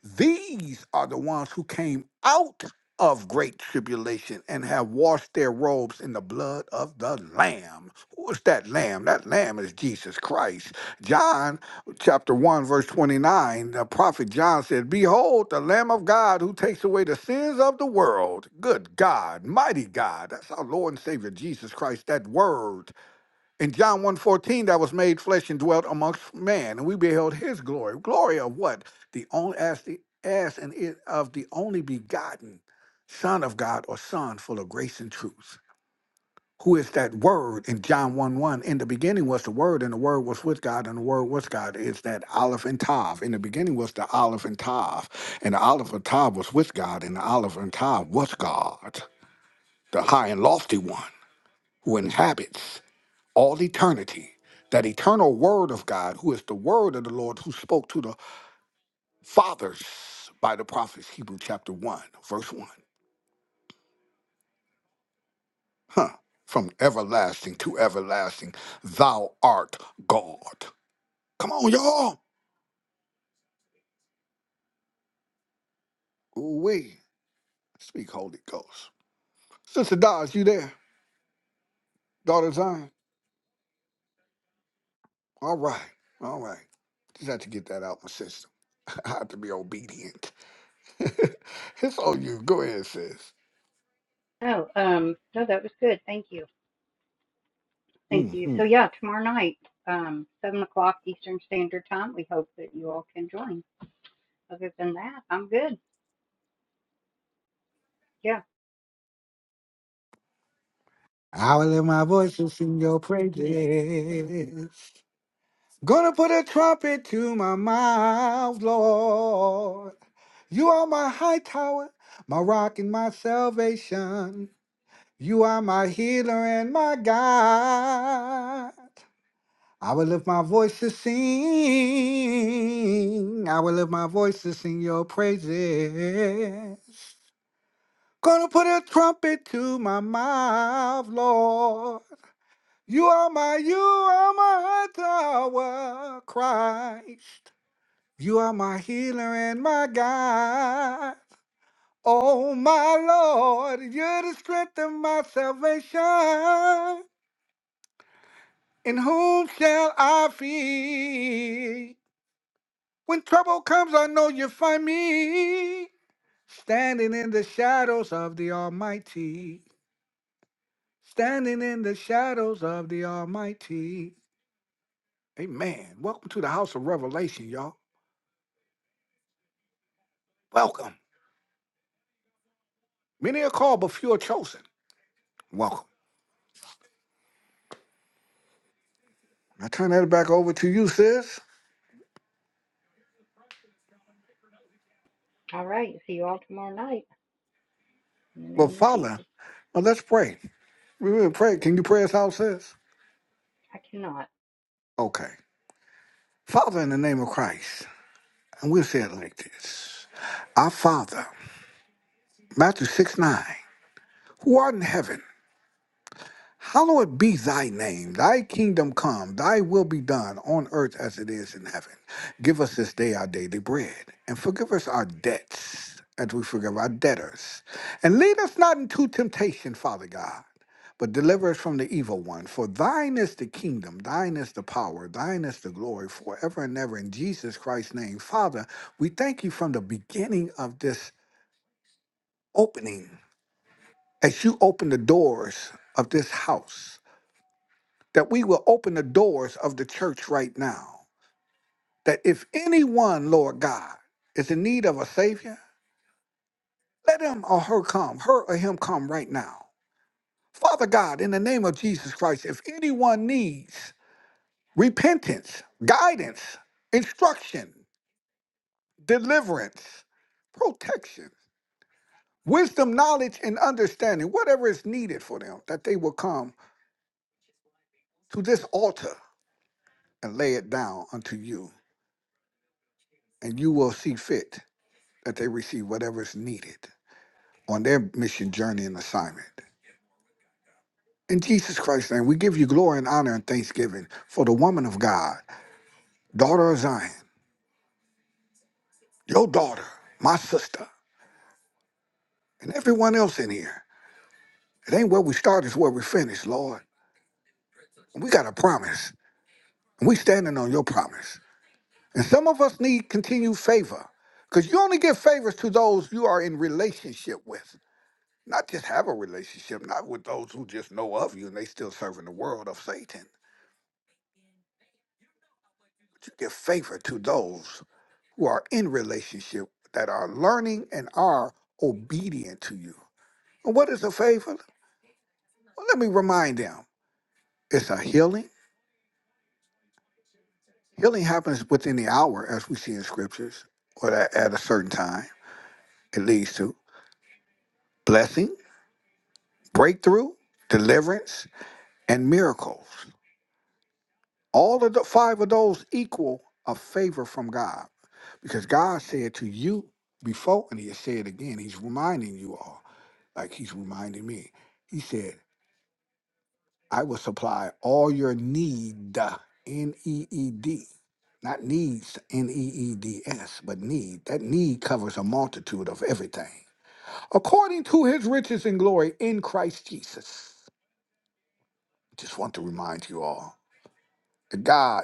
S2: these are the ones who came out of great tribulation and have washed their robes in the blood of the Lamb. Who is that Lamb? That Lamb is Jesus Christ. John chapter 1, verse 29, the prophet John said, Behold, the Lamb of God who takes away the sins of the world. Good God, mighty God. That's our Lord and Savior Jesus Christ, that word in John one fourteen, that was made flesh and dwelt amongst man, and we beheld his glory. Glory of what? The only as the as and it of the only begotten Son of God or Son full of grace and truth. Who is that word in John 1 1? In the beginning was the word, and the word was with God, and the word was God. Is that Aleph and Tav? In the beginning was the Aleph and Tav, and the Aleph and Tav was with God, and the Aleph and Tav was God, the high and lofty one who inhabits all eternity. That eternal word of God, who is the word of the Lord, who spoke to the fathers by the prophets, Hebrew chapter 1, verse 1. Huh. From everlasting to everlasting, thou art God. Come on, y'all. We speak Holy Ghost. Sister Dodge, you there? Daughter Zion? All right. All right. Just had to get that out my system. (laughs) I have to be obedient. (laughs) it's on you. Go ahead, sis.
S1: Oh, um, no, that was good. Thank you. Thank you. So yeah, tomorrow night, um, seven o'clock Eastern Standard Time. We hope that you all can join. Other than that, I'm good. Yeah.
S2: I will let my voice to sing your praises. Gonna put a trumpet to my mouth, Lord. You are my high tower, my rock and my salvation. You are my healer and my God. I will lift my voice to sing. I will lift my voice to sing your praises. Gonna put a trumpet to my mouth, Lord. You are my, you are my tower, Christ. You are my healer and my guide. Oh, my Lord, you're the strength of my salvation. In whom shall I fear? When trouble comes, I know you find me. Standing in the shadows of the Almighty. Standing in the shadows of the Almighty. Amen. Welcome to the house of revelation, y'all. Welcome. Many are called, but few are chosen. Welcome. I turn that back over to you, sis.
S1: All right. See you all tomorrow night. In the
S2: Well,
S1: name of
S2: Father,
S1: Jesus.
S2: well, let's pray. We will pray. Can you pray us out, sis?
S1: I cannot.
S2: Okay. Father, in the name of Christ, and we'll say it like this Our Father, Matthew 6 9, who art in heaven, Hallowed be thy name, thy kingdom come, thy will be done on earth as it is in heaven. Give us this day our daily bread, and forgive us our debts as we forgive our debtors. And lead us not into temptation, Father God, but deliver us from the evil one. For thine is the kingdom, thine is the power, thine is the glory forever and ever. In Jesus Christ's name, Father, we thank you from the beginning of this opening as you open the doors of this house that we will open the doors of the church right now. That if anyone, Lord God, is in need of a Savior, let him or her come, her or him come right now. Father God, in the name of Jesus Christ, if anyone needs repentance, guidance, instruction, deliverance, protection, wisdom, knowledge, and understanding, whatever is needed for them, that they will come to this altar and lay it down unto you, and you will see fit that they receive whatever is needed on their mission journey and assignment. In Jesus Christ's name, we give you glory and honor and thanksgiving for the woman of God, daughter of Zion, your daughter, my sister, and everyone else in here. It ain't where we start, it's where we finish, Lord. And we got a promise, and we standing on your promise. And some of us need continued favor, because you only give favors to those you are in relationship with. Not just have a relationship, not with those who just know of you and they still serving the world of Satan. to give favor to those who are in relationship that are learning and are obedient to you. And what is a favor? Well, let me remind them it's a healing. Healing happens within the hour, as we see in scriptures, or at at a certain time. It leads to blessing, breakthrough, deliverance, and miracles. All of the five of those equal a favor from God because God said to you before, and He has said again, He's reminding you all. like he's reminding me. He said, I will supply all your need, uh, N E E D, not needs, N E E D S, but need. That need covers a multitude of everything. According to his riches and glory in Christ Jesus. Just want to remind you all that God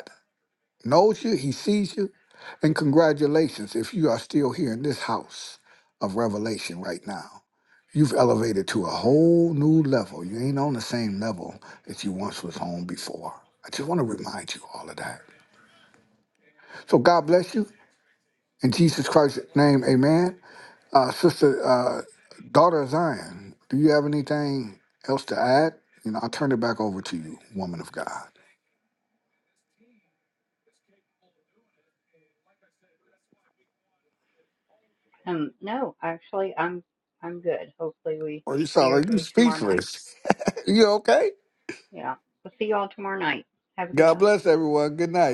S2: knows you, he sees you. And congratulations if you are still here in this house of revelation right now. You've elevated to a whole new level. You ain't on the same level that you once was on before. I just want to remind you all of that. So God bless you. In Jesus Christ's name, amen. Uh, Sister, uh, daughter of Zion, do you have anything else to add? You know, I'll turn it back over to you, woman of God.
S1: Um, no, actually I'm I'm good. Hopefully we
S2: Or you
S1: see
S2: sound like you
S1: everybody tomorrow night.
S2: speechless. (laughs) you okay?
S1: Yeah. We'll see you all tomorrow night. Have a good
S2: God
S1: night.
S2: bless everyone. Good night.